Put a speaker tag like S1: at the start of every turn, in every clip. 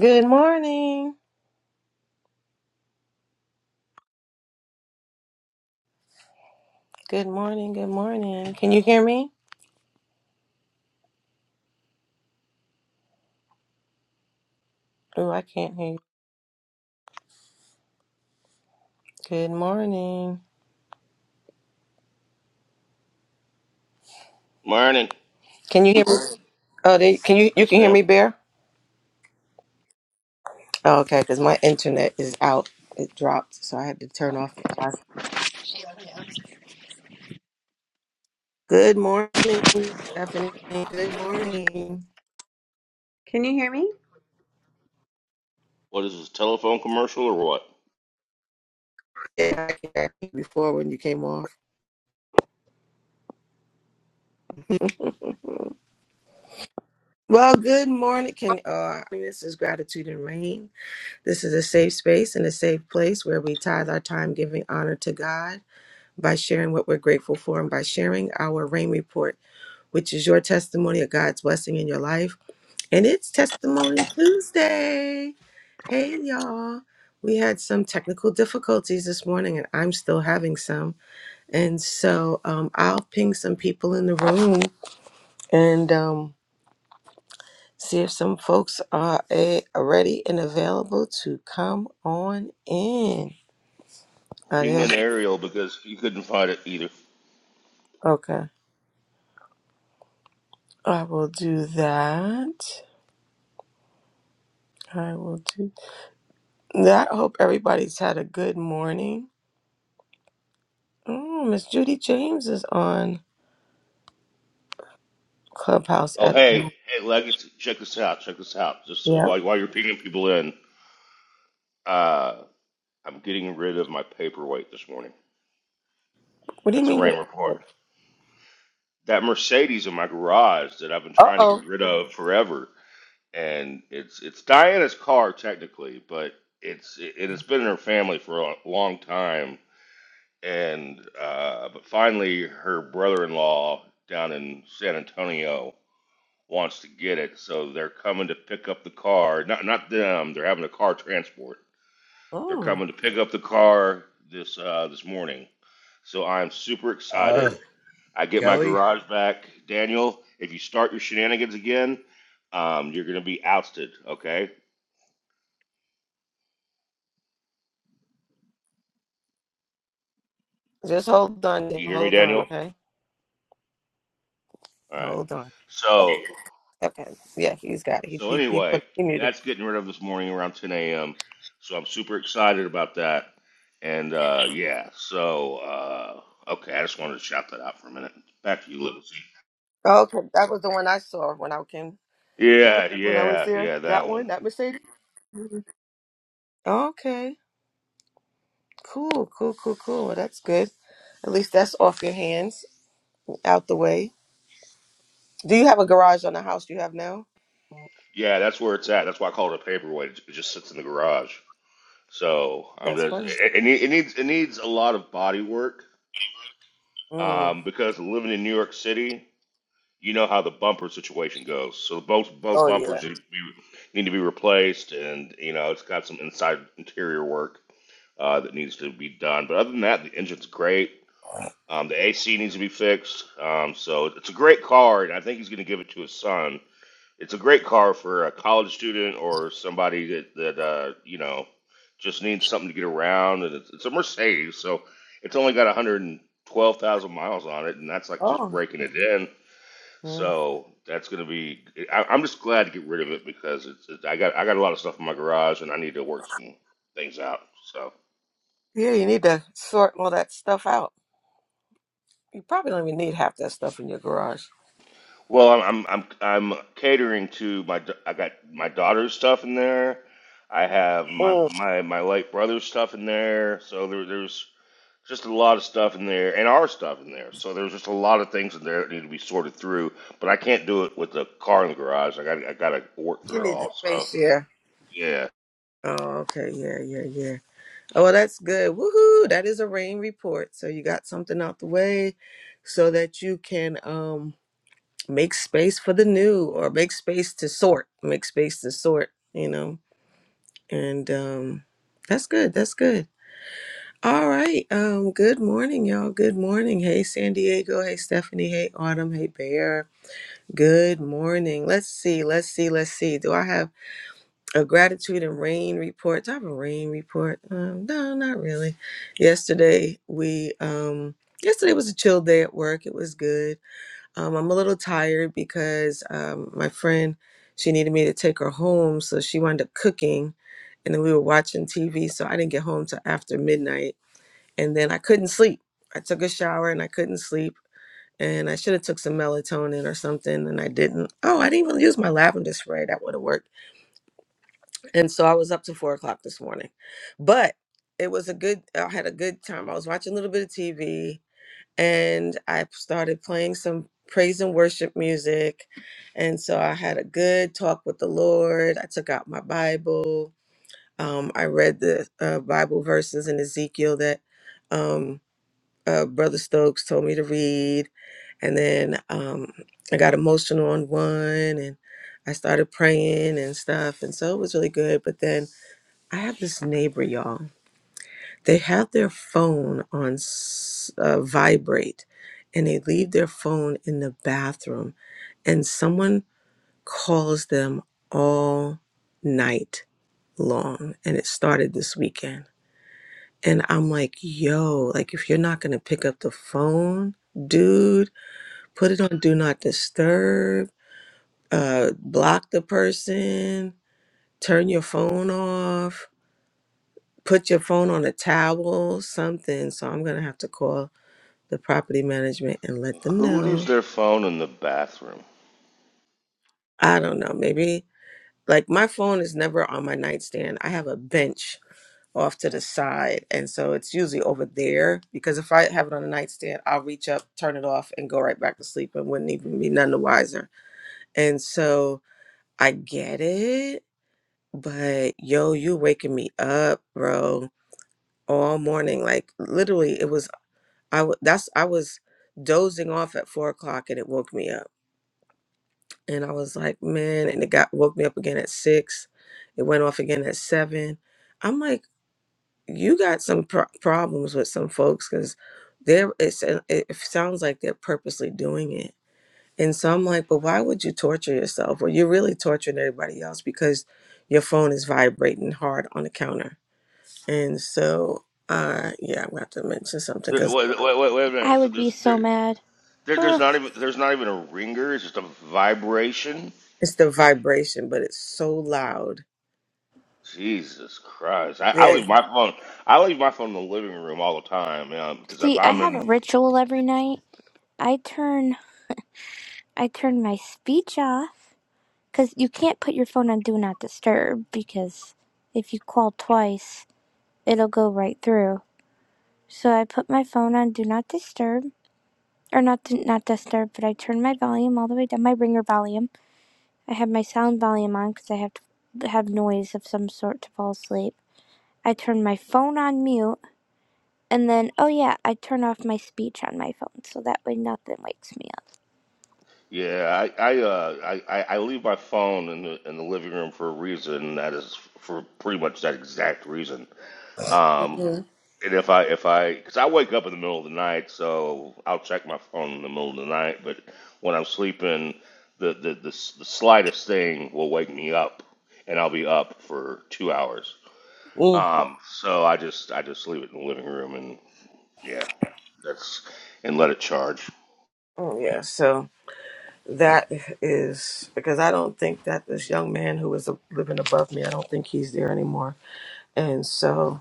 S1: Good morning. Good morning. Good morning. Can you hear me? Oh, I can't hear you. Good morning.
S2: Morning.
S1: Can you hear me? Oh, they, can you you
S2: Yes,
S1: can hear
S2: ma'am.
S1: me, Bear? Oh, okay, because my internet is out. It dropped, so I had to turn off. the Wi-Fi. Good morning, Stephanie. Good morning.
S3: Can you hear me?
S2: What is this, telephone commercial or what?
S1: Yeah, I can hear you before when you came off. Well, good morning. Can uh, this is gratitude and rain. This is a safe space and a safe place where we tithe our time giving honor to God by sharing what we're grateful for and by sharing our rain report, which is your testimony of God's blessing in your life. And it's Testimony Tuesday. Hey, y'all. We had some technical difficulties this morning, and I'm still having some. And so um, I'll ping some people in the room and um, see if some folks are, eh, ready and available to come on in. Are
S2: Pinged an
S1: they-
S2: aerial because you couldn't find it either.
S1: Okay. I will do that. I will do Yeah, I hope everybody's had a good morning. Oh, Miss Judy James is on Clubhouse
S2: Oh,
S1: at the
S2: hey,
S1: moment.
S2: hey, Legacy, check this out, check this out. Just uh,
S1: Yep.
S2: while, while you're pinging people in, uh, I'm getting rid of my paperweight this morning.
S1: What do you
S2: That's a
S1: mean?
S2: rain report. That Mercedes in my garage that I've been
S1: Uh
S2: trying to
S1: oh.
S2: get rid of forever, and it's it's Diana's car technically, but it's it, it's been in her family for a long time, and uh, but finally her brother-in-law down in San Antonio wants to get it, so they're coming to pick up the car. Not not them. They're having a car transport. They're
S1: Mm.
S2: coming to pick up the car this uh, this morning. So I'm super
S4: Uh,
S2: excited. I get my
S4: Kelly,
S2: garage back, Daniel. If you start your shenanigans again, um, you're gonna be ousted. Okay?
S1: Just hold
S2: Do
S1: on.
S2: you hear me,
S1: Hold on.
S2: Daniel?
S1: Okay.
S2: All right.
S1: Hold on.
S2: So
S1: Okay. Yeah, he's got it. He
S2: So
S1: he, he put
S2: anyway,
S1: he muted.
S2: that's getting rid of this morning around 10 a.m. So I'm super excited about that. And uh, yeah, so uh, okay, I just wanted to shout that out for a minute. Back to you, Liberty.
S1: Okay, that was the one I saw when I came
S2: Yeah,
S1: when I was
S2: yeah,
S1: there.
S2: yeah,
S1: That
S2: that
S1: one,
S2: one.
S1: that Mercedes. Mhm. Okay. Cool. Cool. Cool. Cool. Well, that's good. At least that's off your hands, out the way. Do you have a garage on the house you have now?
S2: Yeah, that's where it's at. That's why I call it a paperweight. It just sits in the garage. So I'm
S1: That's
S2: just
S1: funny.
S2: it, it, need- it needs it needs a lot of body work
S1: Mm.
S2: um, because living in New York City. you know how the bumper situation goes. So both both
S1: Oh yeah.
S2: bumpers need to be, need to be replaced, and you know it's got some inside interior work uh, that needs to be done. But other than that, the engine's great. Um, the AC needs to be fixed. Um, so it's a great car, and I think he's going to give it to his son. It's a great car for a college student or somebody that that uh, you know just needs something to get around. And it's, it's a Mercedes, so it's only got 112,000 miles on it, and that's like just
S1: Oh.
S2: breaking it in
S1: Yeah.
S2: so that's gonna be. I, I'm just glad to get rid of it because it's. It, I got I got a lot of stuff in my garage and I need to work some things out. So
S1: Yeah, you need to sort all that stuff out. You probably don't even need half that stuff in your garage.
S2: well, I'm I'm I'm, I'm catering to my. da- I got my daughter's stuff in there. I have my
S1: Mm.
S2: my my late brother's stuff in there. So there, there's just a lot of stuff in there and our stuff in there. So there's just a lot of things in there that need to be sorted through. But I can't do it with the car in the garage. I got I got to work
S1: You
S2: through it
S1: need the
S2: all. So.
S1: space here.
S2: Yeah,
S1: Oh, okay. Yeah, yeah, yeah. Oh, well, that's good. Woohoo! That is a rain report. So you got something out the way so that you can um make space for the new or make space to sort. Make space to sort, you know. And um that's good. That's good. All right. Um, good morning, y'all. Good morning. Hey, San Diego. Hey, Stephanie. Hey, Autumn. Hey, Bear. Good morning. Let's see. Let's see. Let's see. Do I have a gratitude and rain report? Do I have a rain report? Um, no, not really. Yesterday, we, um, yesterday was a chill day at work. It was good. Um, I'm a little tired because, um, my friend, she needed me to take her home. So she wound up cooking and then we were watching TV. So I didn't get home till after midnight and then I couldn't sleep. I took a shower and I couldn't sleep, and I should have took some melatonin or something, and I didn't. Oh, I didn't even use my lavender spray. That would have worked. And so I was up to four o'clock this morning, but it was a good. I had a good time. I was watching a little bit of TV, and I started playing some praise and worship music, and so I had a good talk with the Lord. I took out my Bible. Um, I read the uh, Bible verses in Ezekiel that. Um, uh, Brother Stokes told me to read. And then um, I got emotional on one and I started praying and stuff. And so it was really good. But then I have this neighbor, y'all. They have their phone on s- uh, vibrate and they leave their phone in the bathroom. And someone calls them all night long. And it started this weekend. And I'm like, yo, like if you're not gonna pick up the phone, dude, put it on do not disturb, uh, block the person, turn your phone off, put your phone on a towel, something. So I'm gonna have to call the property management and let them
S2: Who
S1: know.
S2: leaves their phone in the bathroom?
S1: I don't know, maybe like my phone is never on my nightstand. I have a bench off to the side. And so it's usually over there because if I have it on the nightstand, I'll reach up, turn it off, and go right back to sleep and wouldn't even be none the wiser. And so I get it, but yo, you waking me up, bro, all morning. Like literally, it was I. w- That's I was dozing off at four o'clock and it woke me up. And I was like, man, and it got woke me up again at six. It went off again at seven. I'm like, you got some pro- problems with some folks because they're it's, uh, it sounds like they're purposely doing it and so i'm like but why would you torture yourself well you're really torturing everybody else because your phone is vibrating hard on the counter and so uh yeah i'm gonna have to mention something
S2: There,
S1: because
S2: wait, wait, wait, wait a
S5: I
S2: minute. So
S5: would be
S2: there's
S5: so
S2: there,
S5: mad.
S2: there
S5: Hmm.
S2: there's not even there's not even a ringer. It's just a vibration.
S1: it's the vibration but it's so loud
S2: Jesus Christ! I, I
S1: yes
S2: leave my phone. I leave my phone in the living room all the time. You know, because if
S5: See, I
S2: I'm
S5: have a
S2: in
S5: ritual every night. I turn I turn my speech off cuz you can't put your phone on do not disturb because if you call twice, it'll go right through. So I put my phone on do not disturb or not do not disturb, but I turn my volume all the way down my ringer volume. I have my sound volume on cuz I have to have noise of some sort to fall asleep. I turn my phone on mute And then, oh yeah, I turn off my speech on my phone so that way nothing wakes me up.
S2: yeah, I I, uh, I I I leave my phone in the in the living room for a reason. and That is for pretty much that exact reason. Um,
S1: Mhm.
S2: and if I if I because I wake up in the middle of the night, so I'll check my phone in the middle of the night. But when I'm sleeping, the the the, s- the slightest thing will wake me up, and I'll be up for two hours.
S1: Mm.
S2: Um, so I just I just leave it in the living room, and yeah, that's and let it charge.
S1: oh yeah so that is because i don't think that this young man who was uh, living above me i don't think he's there anymore And so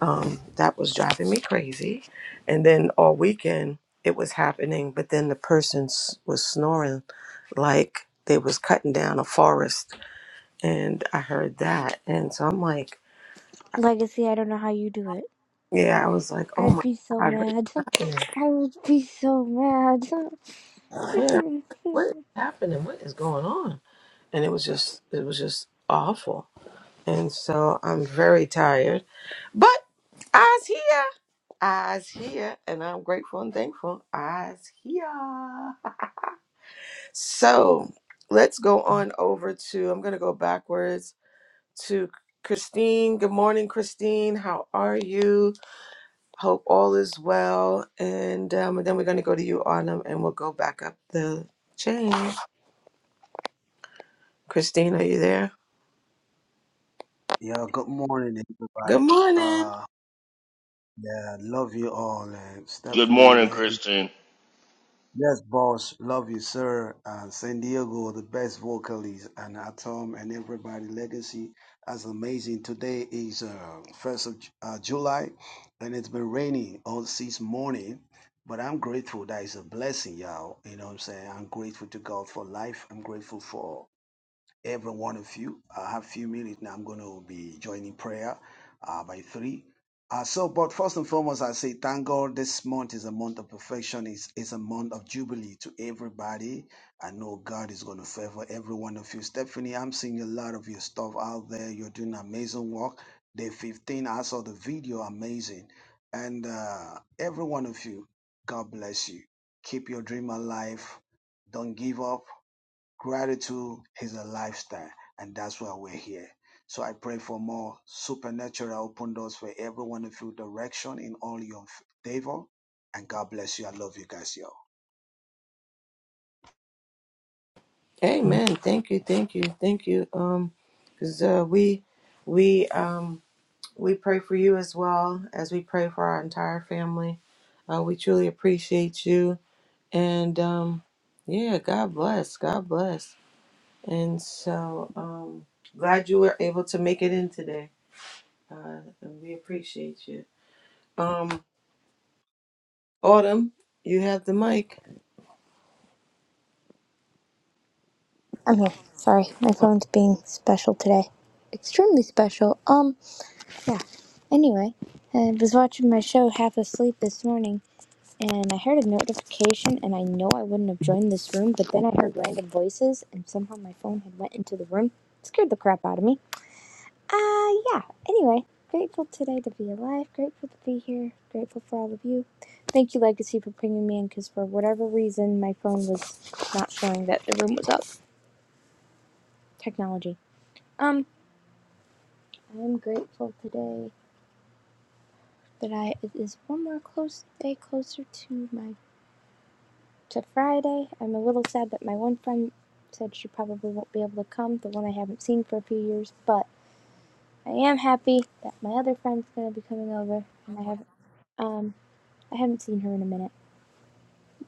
S1: um, that was driving me crazy. And then all weekend it was happening, but then the person s- was snoring like they was cutting down a forest. And I heard that. And so I'm like,
S5: Legacy, I don't know how you do it.
S1: yeah, I was like, oh
S5: I'd
S1: my
S5: be so
S1: God, what's
S5: mad.
S1: happening?
S5: I would be so mad.
S1: Yeah, what is happening? What is going on? And it was just, it was just awful. And so I'm very tired. But I's here. I's here. And I'm grateful and thankful. I's here. So let's go on over to, I'm going to go backwards to Christine. Good morning, Christine. How are you? Hope all is well. And, um, and then we're going to go to you, Autumn, and we'll go back up the chain. Christine, are you there?
S6: Yeah, good morning,
S1: Good
S6: everybody.
S1: morning.
S6: Uh, yeah, love you all. And
S2: Good
S6: Stephanie,
S2: morning,
S6: Leggett,
S2: Christine.
S6: yes, boss, love you, sir. Uh, San Diego, the best vocalist, and Atom and everybody. Legacy, that's amazing. Today is uh, first of Ju- uh, July, and it's been raining all since morning. But I'm grateful. That is a blessing, y'all. You know what I'm saying? I'm grateful to God for life. I'm grateful for every one of you. I have a few minutes now. I'm going to be joining prayer uh, by three. Uh, so, but first and foremost, I say thank God this month is a month of perfection. It's, it's a month of jubilee to everybody. I know God is going to favor every one of you. Stephanie, I'm seeing a lot of your stuff out there. You're doing amazing work. Day 15, I saw the video, amazing. And uh, every one of you, God bless you. Keep your dream alive. Don't give up Gratitude is a lifestyle, and that's why we're here. So I pray for more supernatural open doors for everyone and feel direction in all your favor. And God bless you. I love you guys. Yo.
S1: Amen. Thank you. Thank you. Thank you. Um, because uh, we we um we pray for you as well as we pray for our entire family. Uh, we truly appreciate you. And um, yeah, God bless. God bless. And so um, glad you were able to make it in today. Uh, and we appreciate you. Um, Autumn, you have the mic.
S5: okay, sorry. My phone's being special today. Extremely special. Um, yeah. Anyway, I was watching my show half asleep this morning and I heard a notification, and I know I wouldn't have joined this room, but then I heard random voices, and somehow my phone had went into the room. It scared the crap out of me. Uh, yeah. Anyway, grateful today to be alive, grateful to be here, grateful for all of you. Thank you, Legacy, for bringing me in, because for whatever reason, my phone was not showing that the room was up. Technology. Um, I'm grateful today that I it is one more close day closer to my to Friday. I'm a little sad that my one friend said she probably won't be able to come, the one I haven't seen for a few years, but I am happy that my other friend's gonna be coming over and I haven't um I haven't seen her in a minute.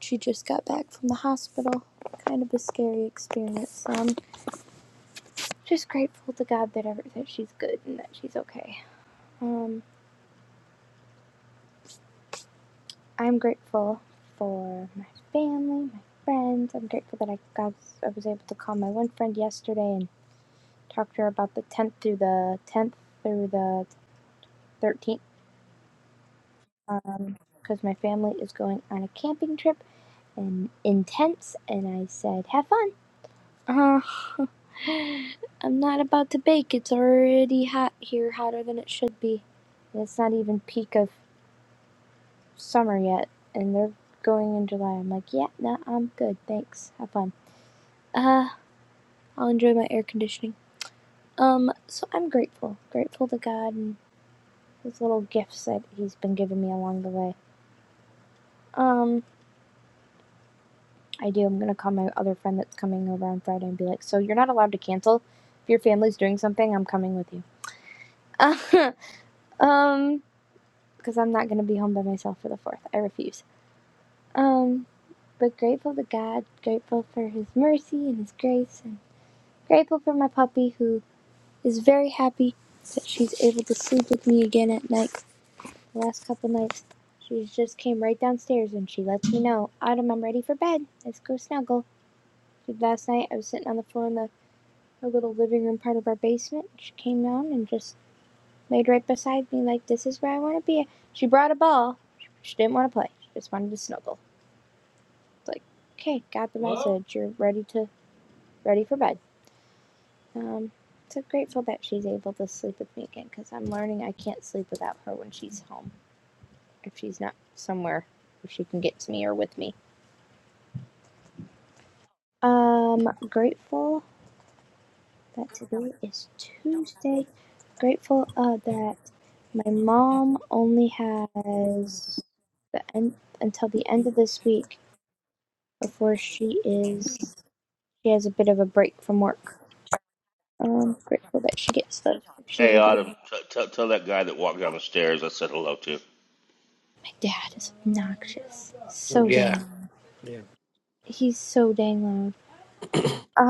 S5: She just got back from the hospital. Kind of a scary experience. Um, just grateful to God that ever that she's good and that she's okay. Um I'm grateful for my family, my friends. I'm grateful that I got I was able to call my one friend yesterday and talked to her about the 10th through the 10th through the 13th um, because my family is going on a camping trip and in tents, and I said, "Have fun." Uh, I'm not about to bake. It's already hot here, hotter than it should be. And it's not even peak of summer yet, and they're going in July. I'm like, "Yeah, no, I'm good. Thanks. Have fun." Uh, I'll enjoy my air conditioning. Um, so I'm grateful. Grateful to God and his little gifts that he's been giving me along the way. Um, I do. I'm gonna call my other friend that's coming over on Friday and be like, "So you're not allowed to cancel. If your family's doing something, I'm coming with you." um, because I'm not gonna be home by myself for the fourth. I refuse. Um, but grateful to God, grateful for His mercy and His grace, and grateful for my puppy who is very happy that she's able to sleep with me again at night. The last couple nights, she just came right downstairs and she lets me know, "Autumn, I'm ready for bed. Let's go snuggle." Last night, I was sitting on the floor in the A little living room part of our basement. She came down and just laid right beside me, like, this is where I want to be. She brought a ball. She didn't want to play. She just wanted to snuggle. It's like, okay, got the message. You're ready to ready for bed. Um, so grateful that she's able to sleep with me again because I'm learning I can't sleep without her when she's home. If she's not somewhere, if she can get to me or with me. Um, grateful that today is Tuesday. Grateful uh, that My mom only has the end until the end of this week before she is she has a bit of a break from work. I'm grateful that she gets those. She's
S2: Hey,
S5: a dad.
S2: Autumn, t- t- tell that guy that walked down the stairs I said hello to.
S5: My dad is obnoxious. So
S7: Yeah,
S5: dang loud.
S7: yeah.
S5: He's so dang loud.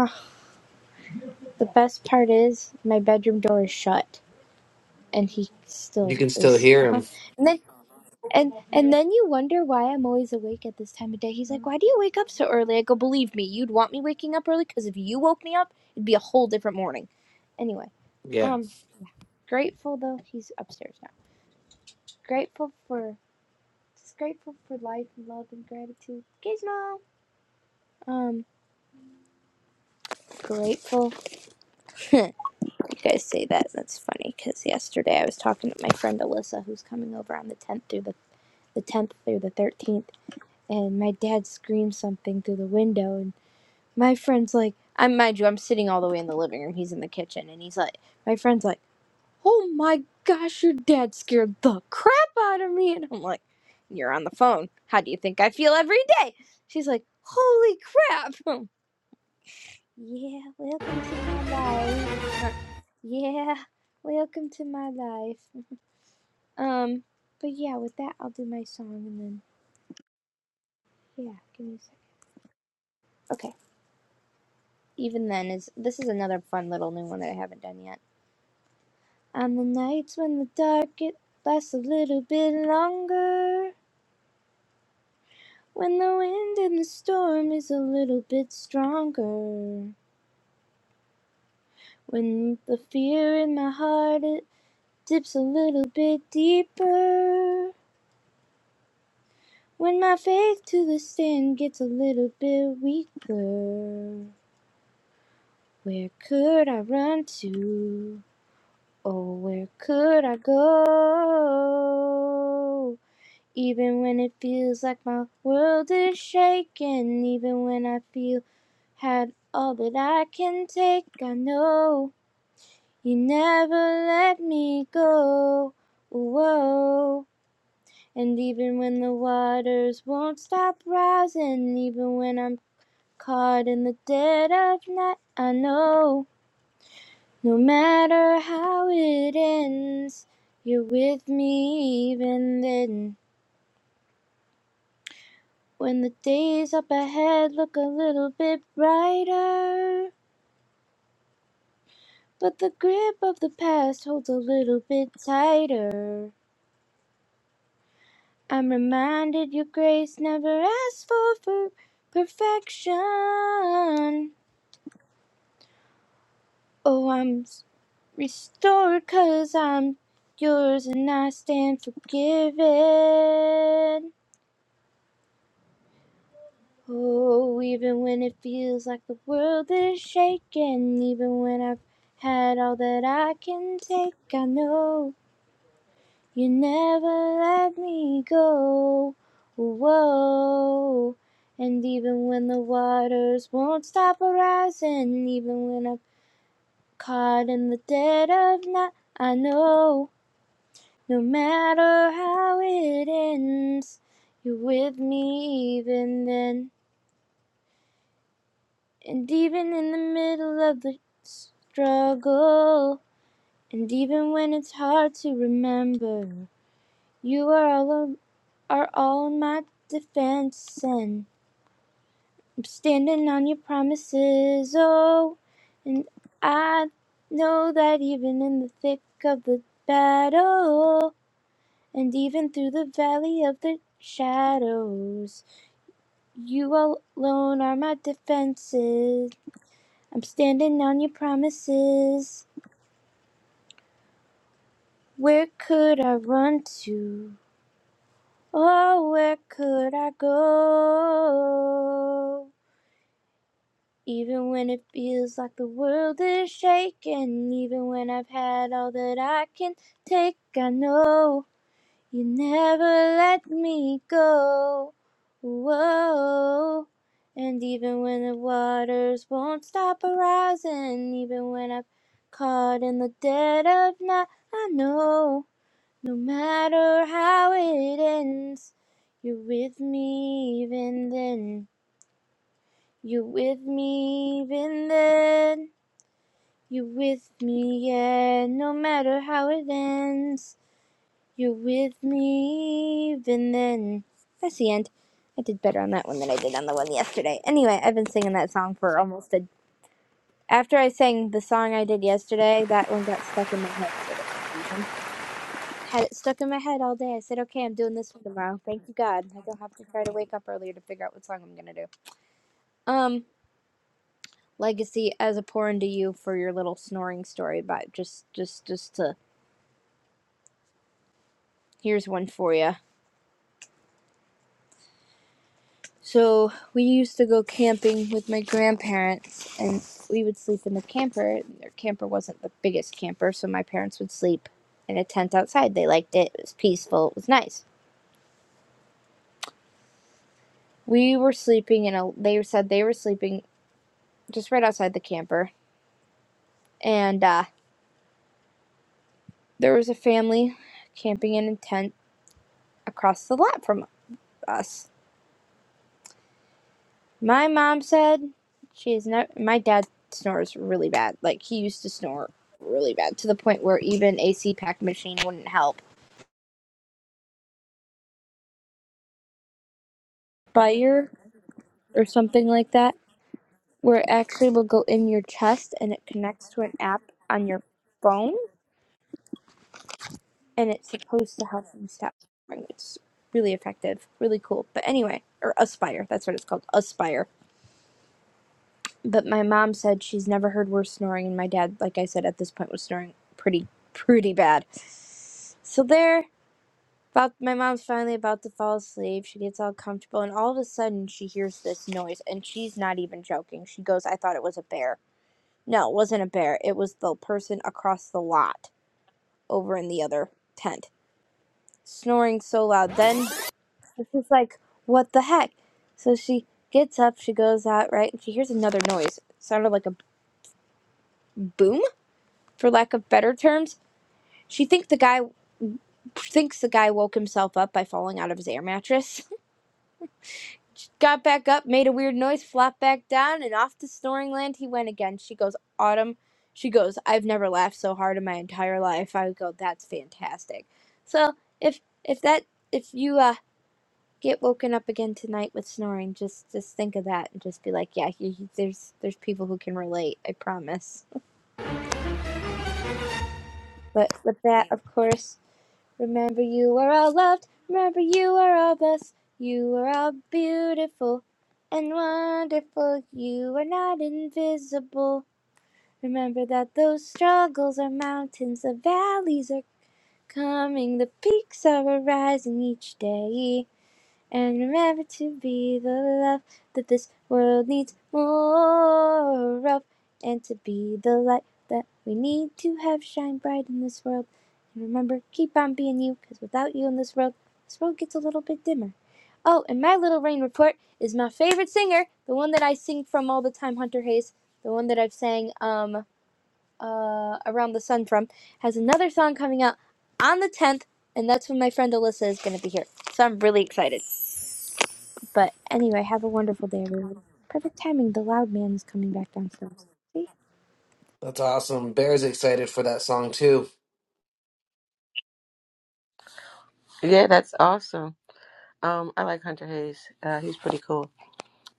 S5: Ah, the best part is my bedroom door is shut and he
S7: You
S5: still
S7: can still
S5: is.
S7: hear
S5: Uh-huh.
S7: him.
S5: And then And and then you wonder why I'm always awake at this time of day. He's like, "Why do you wake up so early?" I go, "Believe me, you'd want me waking up early because if you woke me up, it'd be a whole different morning." Anyway,
S7: Yeah.
S5: um, grateful though he's upstairs now. Grateful for just grateful for life and love and gratitude. Gizmo. Um, grateful. you guys say that. That's funny because yesterday I was talking to my friend Alyssa, who's coming over on the tenth through the the tenth through the thirteenth, and my dad screamed something through the window, and. my friend's like, I mind you, I'm sitting all the way in the living room. He's in the kitchen, and he's like, my friend's like, oh my gosh, your dad scared the crap out of me, and I'm like, you're on the phone. How do you think I feel every day? She's like, holy crap. I'm, like, yeah, welcome to my life. Or, yeah, welcome to my life. Um, but yeah, with that, I'll do my song, and then yeah, give me a sec. Okay. Even then, is this is another fun little new one that I haven't done yet. On the nights when the dark it lasts a little bit longer. When the wind and the storm is a little bit stronger. When the fear in my heart it dips a little bit deeper. When my faith to the stand gets a little bit weaker. Where could I run to? Oh, where could I go? Even when it feels like my world is shaking, even when I feel had all that I can take, I know you never let me go. Whoa. And even when the waters won't stop rising, even when I'm caught in the dead of night, I know no matter how it ends, you're with me even then. When the days up ahead look a little bit brighter, but the grip of the past holds a little bit tighter. I'm reminded your grace never asks for per- perfection. Oh, I'm restored i I'm yours and I stand forgiven. Oh, even when it feels like the world is shaking, even when I've had all that I can take, I know you never let me go. Whoa. And even when the waters won't stop rising, even when I'm caught in the dead of night, I know no matter how it ends, you're with me even then. And even in the middle of the struggle, and even when it's hard to remember, you are all on, are all on my defense, and I'm standing on your promises. Oh, and I know that even in the thick of the battle, and even through the valley of the shadows, you alone are my defenses. I'm standing on your promises. Where could I run to? Oh, where could I go? Even when it feels like the world is shaking, even when I've had all that I can take, I know you never let me go. Whoa. And even when the waters won't stop arising, even when I'm caught in the dead of night, I know. No matter how it ends, you're with me even then. You're with me even then. You're with me, yeah, no matter how it ends. You're with me even then. That's the end. I did better on that one than I did on the one yesterday. Anyway, I've been singing that song for almost a. After I sang the song I did yesterday, that one got stuck in my head for whatever reason. Had it stuck in my head all day. I said, okay, I'm doing this one tomorrow. Thank you, God. I don't have to try to wake up earlier to figure out what song I'm going to do. Um, Legacy, as a pour into you for your little snoring story, but just, just, just to, here's one for you. So we used to go camping with my grandparents, and we would sleep in the camper. Their camper wasn't the biggest camper, so my parents would sleep in a tent outside. They liked it. It was peaceful. It was nice. We were sleeping in a. They said they were sleeping just right outside the camper, and uh, There was a family camping in a tent across the lot from us. My mom said she's not. My dad snores really bad. Like he used to snore really bad to the point where even a CPAP machine wouldn't help. Fire or something like that, where it actually will go in your chest and it connects to an app on your phone, and it's supposed to help you stop snoring. It's really effective, really cool. But anyway, or Aspire. That's what it's called. Aspire. But my mom said she's never heard worse snoring, and my dad, like I said, at this point was snoring pretty, pretty bad. So there, about my mom's finally about to fall asleep. She gets all comfortable, and all of a sudden she hears this noise, and she's not even joking. She goes, "I thought it was a bear. No, it wasn't a bear. It was the person across the lot, over in the other tent, snoring so loud." Then she's like, "What the heck?" So she gets up, she goes out, right, and she hears another noise. It sounded like a boom, for lack of better terms She think the guy thinks the guy woke himself up by falling out of his air mattress. She got back up, made a weird noise, flopped back down, and off to snoring land he went again. She goes, Autumn. She goes, I've never laughed so hard in my entire life. I go, that's fantastic. So if if that if you uh get woken up again tonight with snoring, just just think of that and just be like, yeah, he, he- there's there's people who can relate. I promise. But with that, Yeah. of course. Remember you are all loved, remember you are all blessed, you are all beautiful and wonderful, you are not invisible. Remember that those struggles are mountains, the valleys are coming, the peaks are arising each day. And remember to be the love that this world needs more of, and to be the light that we need to have shine bright in this world. And remember, keep on being you, because without you in this world, this world gets a little bit dimmer. Oh, and my little rain report is my favorite singer, the one that I sing from all the time, Hunter Hayes, the one that I've sang um uh around the sun from, has another song coming out on the 10th, and that's when my friend Alyssa is going to be here. So I'm really excited. But anyway, have a wonderful day, everyone. Perfect timing. The loud man is coming back downstairs. See?
S7: That's awesome. Bear's excited for that song too.
S1: Yeah, that's awesome. Um, I like Hunter Hayes. Uh, he's pretty cool.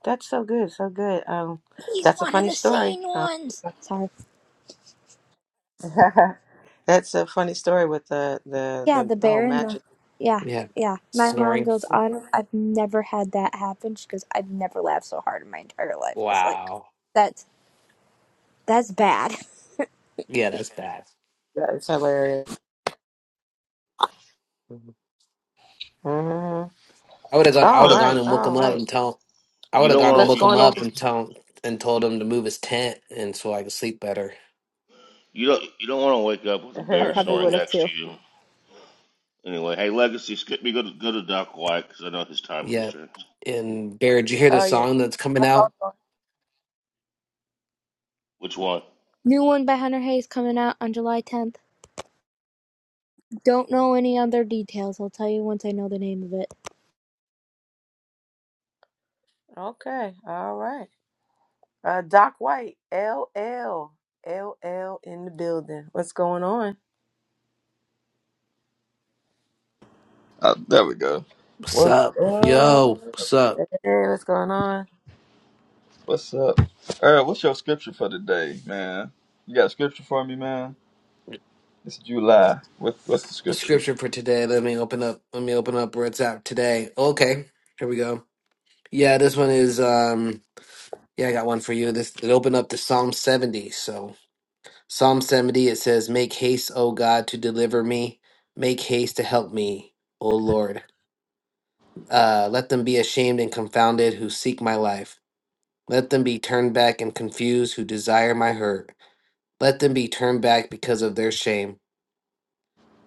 S1: That's so good, so good. Um,
S5: He's
S1: that's a
S5: one of
S1: funny
S5: the
S1: story.
S5: sane
S1: Um,
S5: ones. Sorry.
S1: that's a funny story with the the
S5: Yeah,
S1: the,
S5: the
S1: the whole
S5: bear and
S1: match.
S5: the. Yeah,
S7: Yeah.
S5: yeah. My mom
S7: Snoring.
S5: goes on. I've never had that happen. She goes, I've never laughed so hard in my entire life. I was like,
S7: Wow.
S5: that's that's bad.
S7: Yeah, that's bad.
S1: That is hilarious.
S7: Mhm.
S1: hmm
S7: I would have got I
S1: All
S7: would
S2: Uh,
S7: have gone
S1: right,
S7: and woke
S1: all
S7: him up
S1: right.
S7: and tell I would
S2: You
S7: have
S2: don't
S7: gone and
S2: want
S1: Let's
S2: to.
S7: woke
S2: You,
S1: go
S7: him
S1: on
S2: you,
S7: up
S1: over.
S7: and tell and told him to move his tent and so I could sleep better.
S2: you don't. You don't want to wake up with a
S5: I
S2: bear
S5: probably
S2: snoring
S5: would have
S2: next to
S5: too.
S2: you. Anyway, hey Legacy, skip me. Go to go to Doc White because I know his time
S7: Yeah.
S2: constraints.
S7: And Bear, did you hear the
S1: oh yeah.
S7: song that's coming
S1: That's
S7: out?
S1: all-
S2: Which one?
S5: New one by Hunter Hayes coming out on July 10th. Don't know any other details. I'll tell you once I know the name of it.
S1: Okay. All right. Uh, Doc White, LL, LL in the building. What's going on?
S8: Uh, there we go.
S7: What's
S8: What?
S7: up?
S8: Uh,
S7: Yo, what's up?
S1: Hey, what's going on?
S8: what's up? All right, what's your scripture for today, man? You got a scripture for me, man? It's July. What, what's the scripture?
S7: Scripture for today. Let me open up let me open up where it's at today. Okay. Here we go. Yeah, this one is um Yeah, I got one for you. This it opened up to Psalm 70. So Psalm 70 it says, "Make haste, O God, to deliver me. Make haste to help me, O Lord. Uh, let them be ashamed and confounded who seek my life. Let them be turned back and confused who desire my hurt. Let them be turned back because of their shame.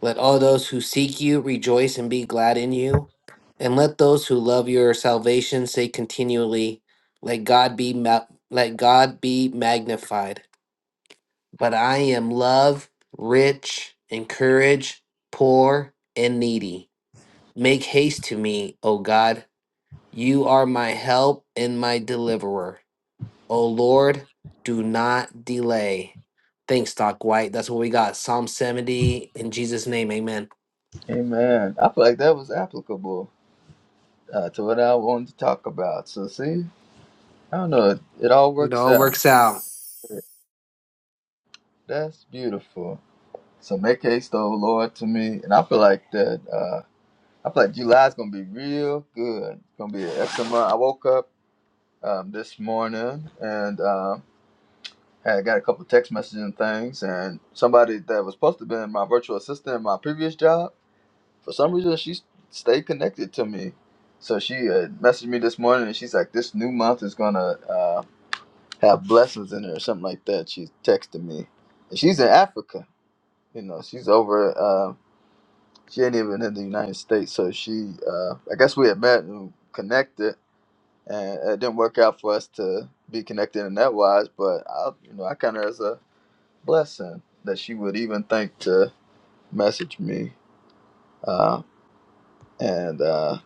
S7: Let all those who seek you rejoice and be glad in you. And let those who love your salvation say continually, Let God be ma- let God be magnified." but I am love, rich, encourage, poor, and needy. Make haste to me, O God. You are my help and my deliverer. O Lord, do not delay. Thanks, Doc White. That's what we got. Psalm 70, in Jesus' name, amen.
S8: Amen. I feel like that was applicable uh, to what I wanted to talk about. So, see, I don't know. It, it all
S7: It
S8: works
S7: all
S8: out.
S7: works out.
S8: That's beautiful. So, make haste, O Lord, to me. And I feel like that. Uh, I feel like July's gonna be real good. It's gonna be an excellent month. I woke up um, this morning and. um, I got a couple text messages and things, and somebody that was supposed to be my virtual assistant in my previous job, for some reason, she stayed connected to me. So she uh, messaged me this morning, and she's like, "This new month is gonna uh, have blessings in it, or something like that." She texted me, and she's in Africa. You know, she's over. Uh, she ain't even in the United States. So she, uh, I guess, we had met and connected, and it didn't work out for us to be connected in that wise. But I, you know, I kind of as a blessing that she would even think to message me. Uh, and uh,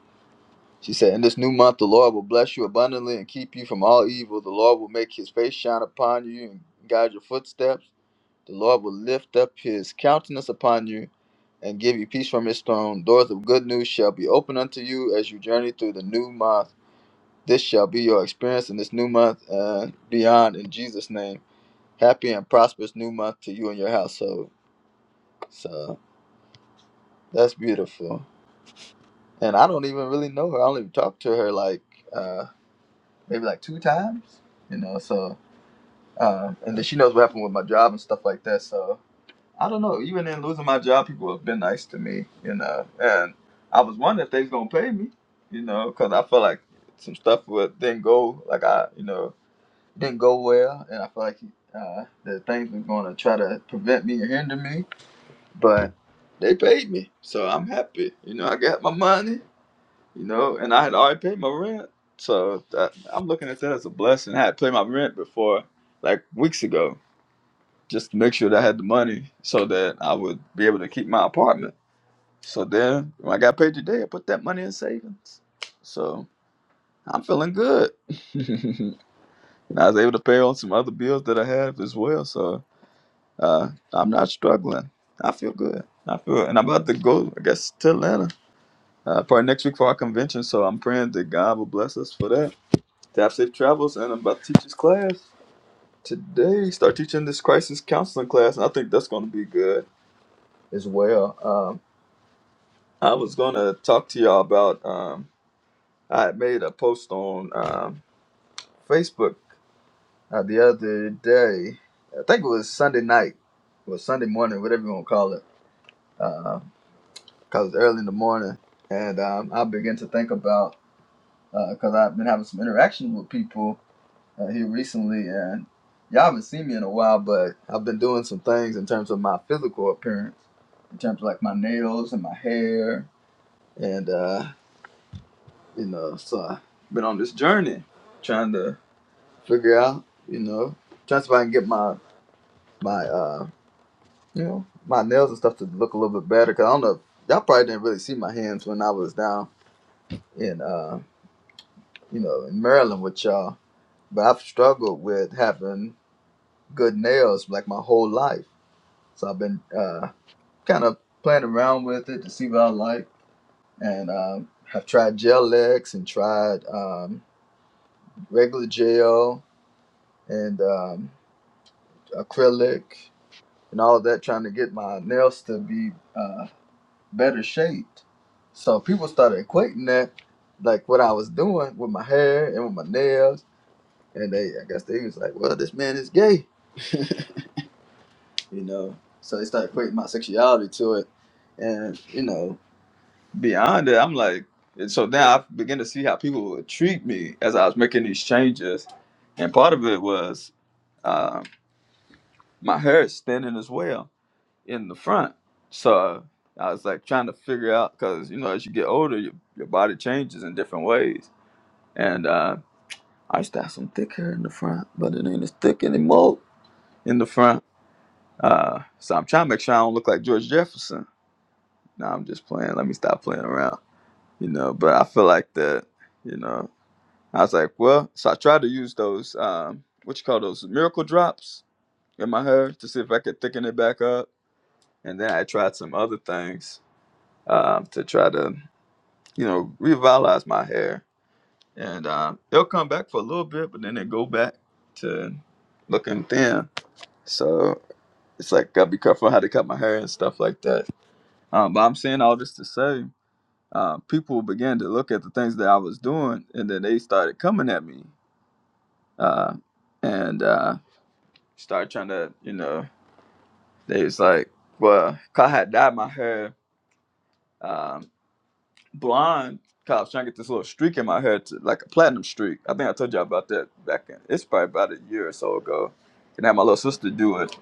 S8: she said, In this new month, the Lord will bless you abundantly and keep you from all evil. The Lord will make his face shine upon you and guide your footsteps. The Lord will lift up his countenance upon you and give you peace from his throne. Doors of good news shall be open unto you as you journey through the new month. This shall be your experience in this new month and beyond in Jesus' name. Happy and prosperous new month to you and your household. So That's beautiful. And I don't even really know her. I only talked to her like uh, maybe like two times, you know. So um, and then she knows what happened with my job and stuff like that. So I don't know. Even in losing my job, people have been nice to me, you know. And I was wondering if they was gonna pay me, you know, because I felt like some stuff would didn't go like I, you know, didn't go well, and I felt like uh, the things were gonna try to prevent me or hinder me, but they paid me, so I'm happy. You know, I got my money you know, and I had already paid my rent. So that, I'm looking at that as a blessing. I had paid my rent before, like weeks ago, just to make sure that I had the money so that I would be able to keep my apartment. So then when I got paid today, I put that money in savings. So I'm feeling good. and I was able to pay on some other bills that I have as well. So uh, I'm not struggling. I feel good. I feel, and I'm about to go, I guess, to Atlanta uh, probably next week for our convention. So I'm praying that God will bless us for that Tap Safe Travels, and I'm about to teach this class today. Start teaching this crisis counseling class, and I think that's going to be good as well. Um, I was going to talk to y'all about, um, I had made a post on um, Facebook uh, the other day. I think it was Sunday night or Sunday morning, whatever you want to call it, because it's early in the morning. And um, I began to think about, because I've been having some interaction with people uh, here recently, and y'all haven't seen me in a while, but I've been doing some things in terms of my physical appearance, in terms of like my nails and my hair, and uh, you know, so I've been on this journey trying to figure out, you know, trying to see if I can get my my uh, you know, my nails and stuff to look a little bit better. Cause I don't know, y'all probably didn't really see my hands when I was down in uh, you know, in Maryland with y'all, but I've struggled with having good nails like my whole life. So I've been uh kind of playing around with it to see what I like. And um, I've tried gel X and tried um, regular gel and um, acrylic and all of that, trying to get my nails to be uh, better shaped. So people started equating that, like what I was doing with my hair and with my nails. And they, I guess they was like, well, this man is gay, you know. So they started equating my sexuality to it. And, you know, beyond it, I'm like, and so now I began to see how people would treat me as I was making these changes, and part of it was um, my hair is thinning as well in the front, so I was like trying to figure out because you know as you get older, your, your body changes in different ways, and uh, I used to have some thick hair in the front, but it ain't as thick anymore in the front. Uh, so I'm trying to make sure I don't look like George Jefferson. Now I'm just playing. Let me stop playing around, you know. But I feel like that, you know. I was like, well, so I tried to use those, um, what you call those, miracle drops in my hair to see if I could thicken it back up. And then I tried some other things um, to try to, you know, revitalize my hair. And um, it'll come back for a little bit, but then it go back to looking thin. So it's like, gotta be careful how to cut my hair and stuff like that. Um, but I'm saying all this to say, uh, people began to look at the things that I was doing, and then they started coming at me. Uh, and uh, started trying to, you know, they was like, well, 'cause I had dyed my hair um, blonde. 'cause I was trying to get this little streak in my hair, to, like a platinum streak. I think I told you about that back in, it's probably about a year or so ago. And I had my little sister do it.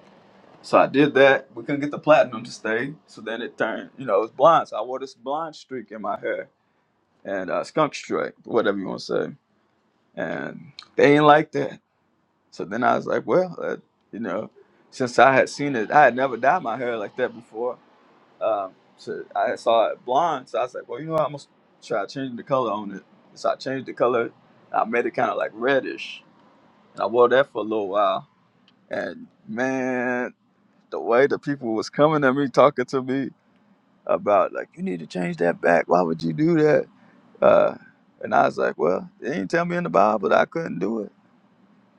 S8: So I did that. We couldn't get the platinum to stay. So then it turned, you know, it was blonde. So I wore this blonde streak in my hair and uh, skunk streak, whatever you want to say. And they ain't like that. So then I was like, well, uh, you know, since I had seen it, I had never dyed my hair like that before. Um, so I saw it blonde. So I was like, well, you know, what, I'm gonna try changing the color on it. So I changed the color. I made it kind of like reddish, and I wore that for a little while. And man, the way the people was coming at me, talking to me about like, you need to change that back. Why would you do that? Uh, and I was like, well, they didn't tell me in the Bible that I couldn't do it.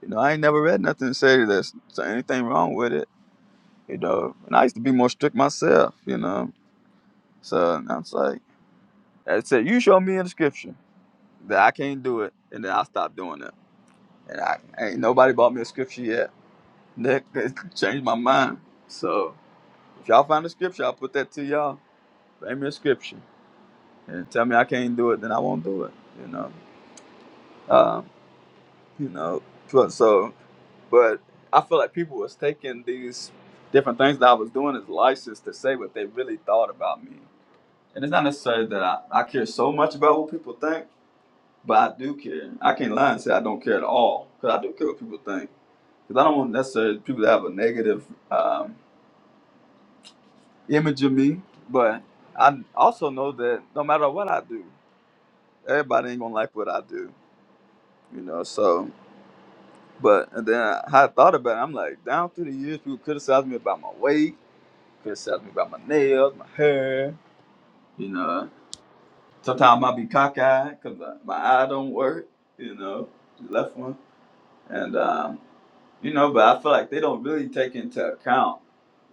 S8: You know, I ain't never read nothing to say there's anything wrong with it you know. And I used to be more strict myself, you know. So I was like, I said, you show me in the scripture that I can't do it, and then I'll stop doing it. And I ain't nobody bought me a scripture yet. That that changed my mind. So if y'all find a scripture, I'll put that to y'all. Bring me a scripture and tell me I can't do it, then I won't do it, you know. Um, you know, but so, but I feel like people was taking these different things that I was doing as license to say what they really thought about me And it's not necessarily that I, I care so much about what people think, but I do care. I can't lie and say I don't care at all because I do care what people think. Because I don't want necessarily people to have a negative um, image of me, but I also know that no matter what I do, everybody ain't gonna like what I do, you know. So, but and then I, I thought about it. I'm like, down through the years, people criticized me about my weight, criticized me about my nails, my hair, you know. Sometimes I be cockeyed because my eye don't work, you know, the left one. And, um, you know, but I feel like they don't really take into account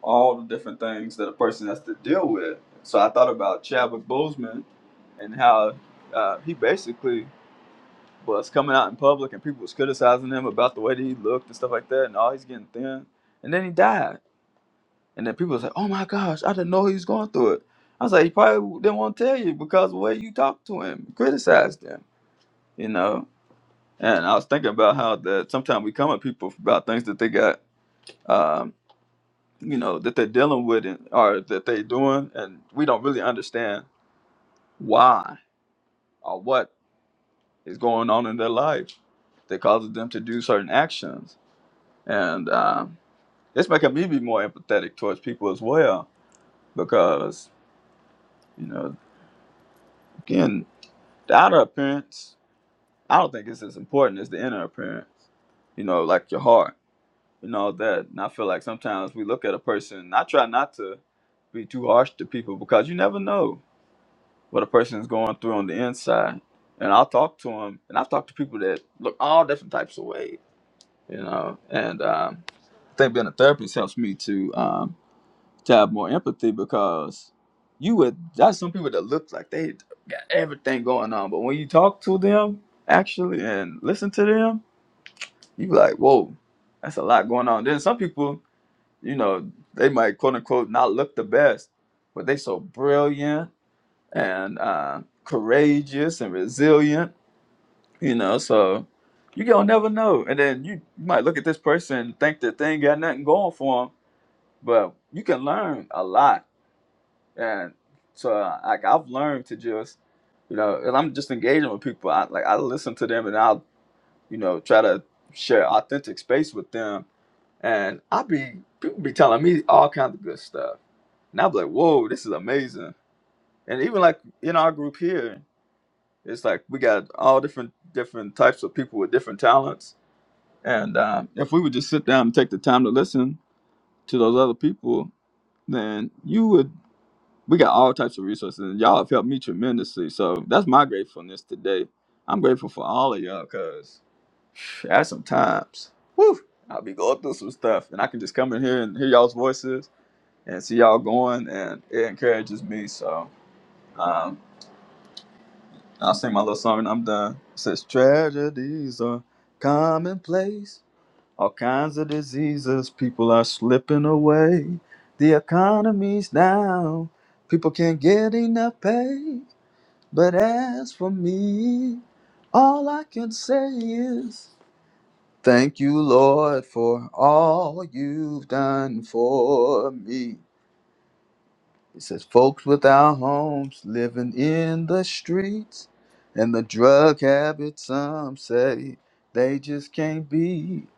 S8: all the different things that a person has to deal with. So I thought about Chadwick Boseman and how uh, he basically was coming out in public and people was criticizing him about the way that he looked and stuff like that and all he's getting thin. And then he died. And then people was like, "Oh my gosh, I didn't know he was going through it." I was like, "He probably didn't want to tell you because the way you talked to him, criticized him, you know." And I was thinking about how that sometimes we come at people about things that they got, um, you know, that they're dealing with and, or that they're doing, and we don't really understand why or what is going on in their life that causes them to do certain actions. And um, it's making me be more empathetic towards people as well because you know, again. The outer appearance, I don't think it's as important as the inner appearance. You know, like your heart and all that. And I feel like sometimes we look at a person. and I try not to be too harsh to people because you never know what a person's going through on the inside. And I'll talk to them, and I've talked to people that look all different types of ways. You know, and um, I think being a therapist helps me to. um, to have more empathy because you would that's some people that look like they got everything going on, but when you talk to them actually and listen to them, you be like, whoa, that's a lot going on. Then some people, you know, they might quote unquote not look the best, but they so brilliant and uh, courageous and resilient, you know, so you gonna never know. And then you, you might look at this person and think that they ain't got nothing going for them, but you can learn a lot And so uh, like I've learned to just, you know, and I'm just engaging with people. I like I listen to them and I'll, you know, try to share authentic space with them. And I be people be telling me all kinds of good stuff. And I'll be like, whoa, this is amazing. And even like in our group here, it's like we got all different different types of people with different talents. And um, if we would just sit down and take the time to listen to those other people, then you would we got all types of resources and y'all have helped me tremendously so that's my gratefulness today i'm grateful for all of y'all because at some times whew, i'll be going through some stuff and i can just come in here and hear y'all's voices and see y'all going and it encourages me so um, i'll sing my little song and i'm done it says tragedies are commonplace all kinds of diseases people are slipping away the economy's down people can't get enough pay but as for me, all I can say is thank you, Lord, for all you've done for me. It says, folks without homes living in the streets and the drug habit, some say they just can't be.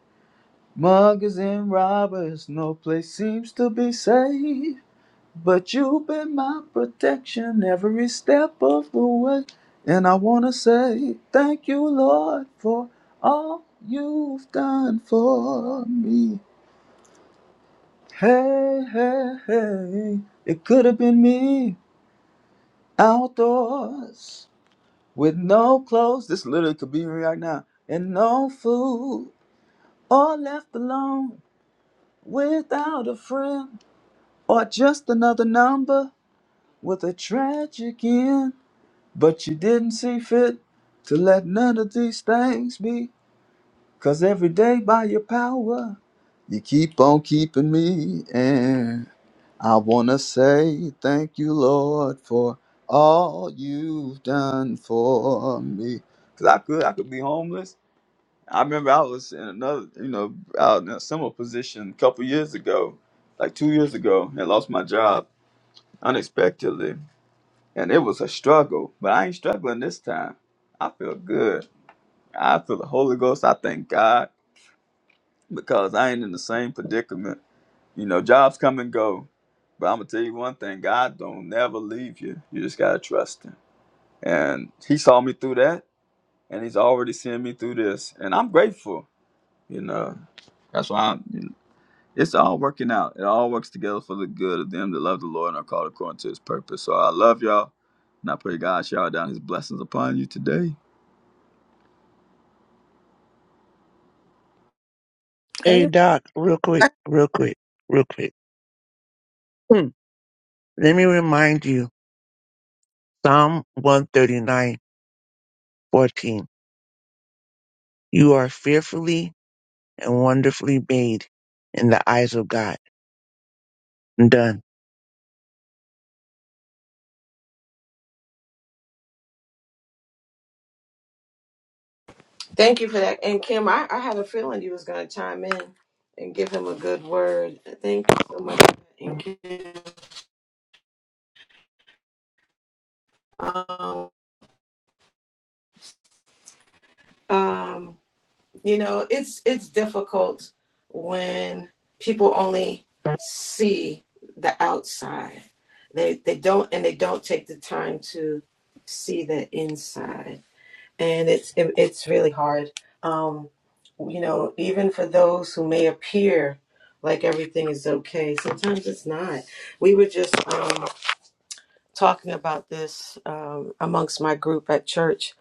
S8: Muggers and robbers, no place seems to be safe. But you've been my protection every step of the way. And I want to say thank you, Lord, for all you've done for me. Hey, hey, hey, it could have been me outdoors with no clothes. This literally could be me right now. And no food, or left alone without a friend, or just another number with a tragic end. But you didn't see fit to let none of these things be, 'cause every day by your power, you keep on keeping me. And I wanna say thank you, Lord, for all you've done for me. 'Cause I could I could be homeless. I remember I was in another, you know, out in a similar position a couple years ago, like two years ago, and lost my job unexpectedly and it was a struggle, but I ain't struggling this time. I feel good. I feel the Holy Ghost. I thank God because I ain't in the same predicament. You know, jobs come and go. But I'm gonna tell you one thing, God don't never leave you. You just gotta trust him. And he saw me through that and he's already seeing me through this. And I'm grateful, you know. That's why I'm It's all working out. It all works together for the good of them that love the Lord and are called according to his purpose. So I love y'all. And I pray God shower down his blessings upon you today.
S9: Hey
S1: Hey,
S9: Doc, real quick, real quick, real quick. Hmm. Let me remind you, Psalm one thirty nine fourteen. You are fearfully and wonderfully made in the eyes of God. I'm done.
S1: Thank you for that. And Kim, I, I had a feeling you was going to chime in and give him a good word. Thank you so much. And Kim, um, um, you know, it's it's difficult when people only see the outside. They they don't and they don't take the time to see the inside. and it's it, it's really hard. Um, you know, even for those who may appear like everything is okay, sometimes it's not. We were just um, talking about this um, amongst my group at church,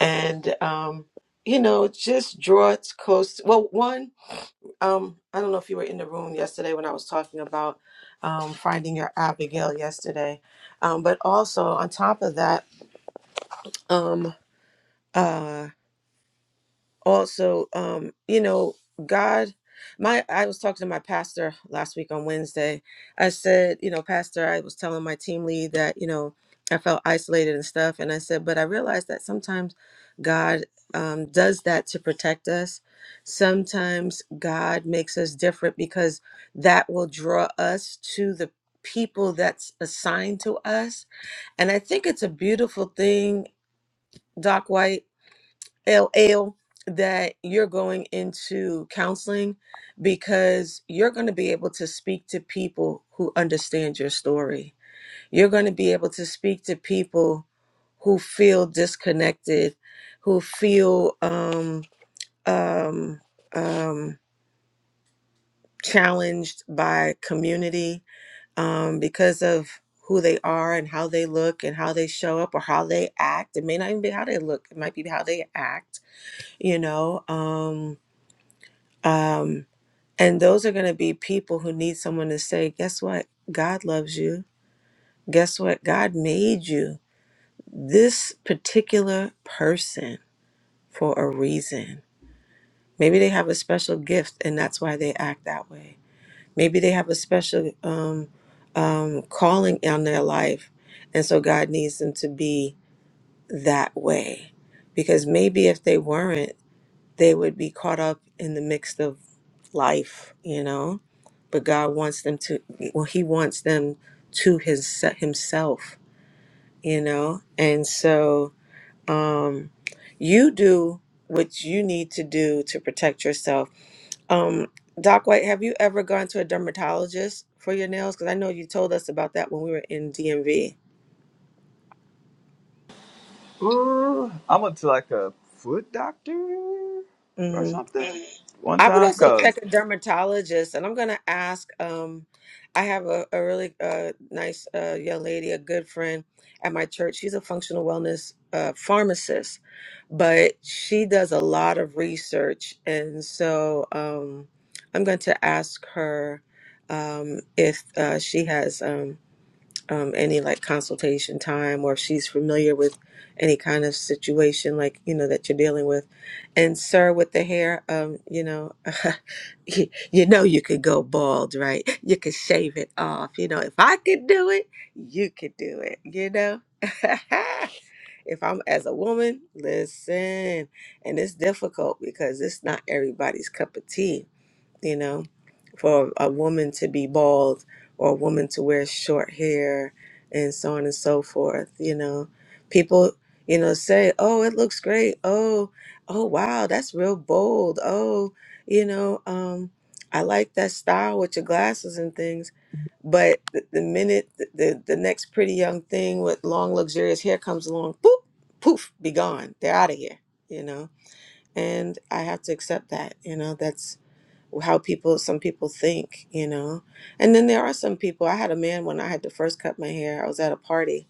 S1: and um, you know, it just draw it close. Well, one, um, I don't know if you were in the room yesterday when I was talking about um, finding your Abigail yesterday, um, but also on top of that. Um, uh, also um you know god my i was talking to my pastor last week on wednesday i said you know pastor i was telling my team lead that you know i felt isolated and stuff and i said but i realized that sometimes god um, does that to protect us sometimes god makes us different because that will draw us to the people that's assigned to us and i think it's a beautiful thing doc white LL that you're going into counseling because you're going to be able to speak to people who understand your story. You're going to be able to speak to people who feel disconnected, who feel um, um, um, challenged by community um, because of who they are and how they look and how they show up or how they act. It may not even be how they look, it might be how they act, you know. Um, Um, and those are going to be people who need someone to say, guess what? God loves you. Guess what? God made you this particular person for a reason. Maybe they have a special gift and that's why they act that way. Maybe they have a special um, um, calling on their life. And so God needs them to be that way. Because maybe if they weren't, they would be caught up in the mix of life, you know. But God wants them to, well, He wants them to His Himself, you know. And so, um, you do what you need to do to protect yourself. Um, Doc White, have you ever gone to a dermatologist for your nails? Because I know you told us about that when we were in DMV.
S8: Ooh, I went to like a foot doctor or something one
S1: I would
S8: time
S1: also
S8: because
S1: check a dermatologist, and I'm gonna ask. Um, I have a, a really uh, nice uh, young lady, a good friend at my church. She's a functional wellness uh, pharmacist, but she does a lot of research, and so um, I'm going to ask her um, if uh, she has. um, um, any like consultation time or if she's familiar with any kind of situation like you know that you're dealing with and sir with the hair um you know you, you know you could go bald right you could shave it off you know if i could do it you could do it you know if i'm as a woman listen and it's difficult because it's not everybody's cup of tea you know, for a woman to be bald or a woman to wear short hair and so on and so forth, you know. People, you know, say, "Oh, it looks great. Oh, oh wow, that's real bold. Oh, you know, um I like that style with your glasses and things." But the, the minute the, the the next pretty young thing with long luxurious hair comes along, boop, poof, be gone. They're out of here, you know. And I have to accept that, you know. That's how people some people think you know and then there are some people i had a man when i had to first cut my hair i was at a party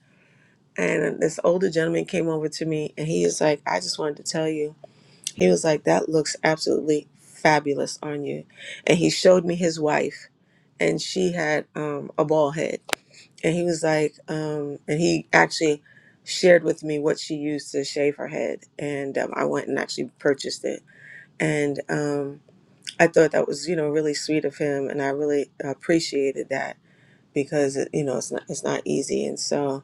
S1: and this older gentleman came over to me and he was like i just wanted to tell you he was like that looks absolutely fabulous on you and he showed me his wife and she had um, a bald head and he was like um, and he actually shared with me what she used to shave her head and um, i went and actually purchased it and um, I thought that was, you know, really sweet of him, and I really appreciated that because it, you know it's not it's not easy and so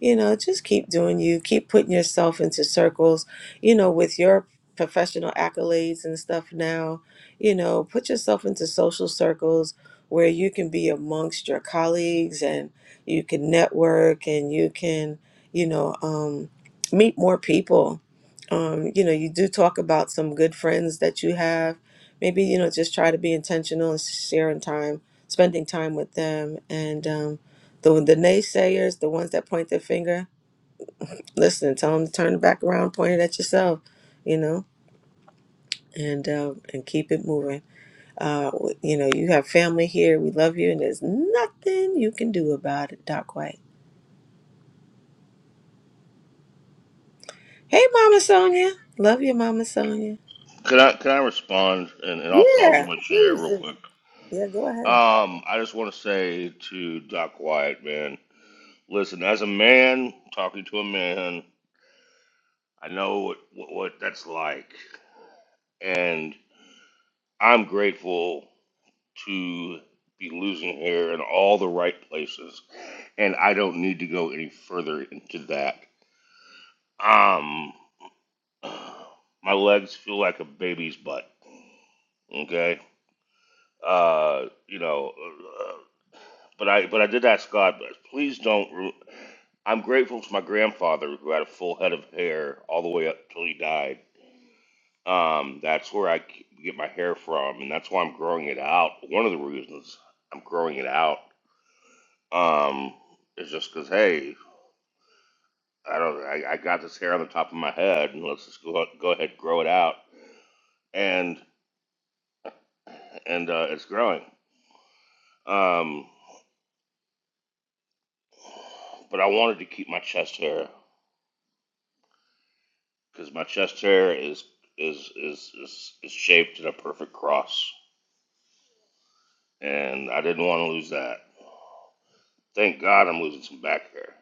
S1: you know just keep doing you keep putting yourself into circles you know with your professional accolades and stuff now you know put yourself into social circles where you can be amongst your colleagues and you can network and you can you know um, meet more people um, you know you do talk about some good friends that you have maybe you know just try to be intentional and sharing time spending time with them and um, the the naysayers, the ones that point their finger. Listen, tell them to turn it back around, point it at yourself, you know, and uh, and keep it moving. Uh, you know, you have family here. We love you, and there's nothing you can do about it. Doc White. Hey, Mama Sonia. Love you, Mama Sonia.
S2: Can I can I respond and, and also I'll do
S1: Yeah,
S2: my share
S1: please.
S2: real
S1: do.
S2: quick.
S1: Yeah, go ahead.
S2: Um, I just want to say to Doc White, man, listen. As a man talking to a man, I know what what, what that's like, and I'm grateful to be losing hair in all the right places, and I don't need to go any further into that. Um, My legs feel like a baby's butt. Okay, uh, you know, uh, but I but I did ask God, please don't. Ru- I'm grateful to my grandfather who had a full head of hair all the way up till he died. Um, that's where I c- get my hair from, and that's why I'm growing it out. One of the reasons I'm growing it out um, is just because, hey, I don't, I, I got this hair on the top of my head, and let's just go go ahead and grow it out, and and uh, it's growing. Um, but I wanted to keep my chest hair because my chest hair is is, is is is shaped in a perfect cross, and I didn't want to lose that. Thank God I'm losing some back hair.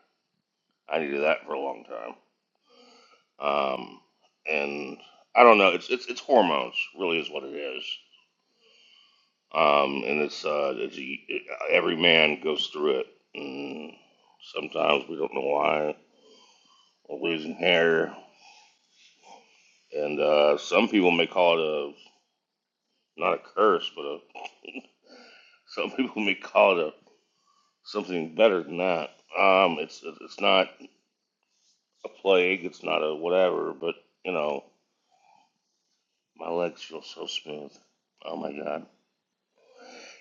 S2: I needed that for a long time. Um, and I don't know. It's it's it's hormones, really, is what it is. Um, and it's uh, it's it, every man goes through it. And sometimes we don't know why we're losing hair, and uh, some people may call it a not a curse, but a, some people may call it a something better than that. Um, it's it's not a plague, it's not a whatever, but you know, my legs feel so smooth. Oh my god!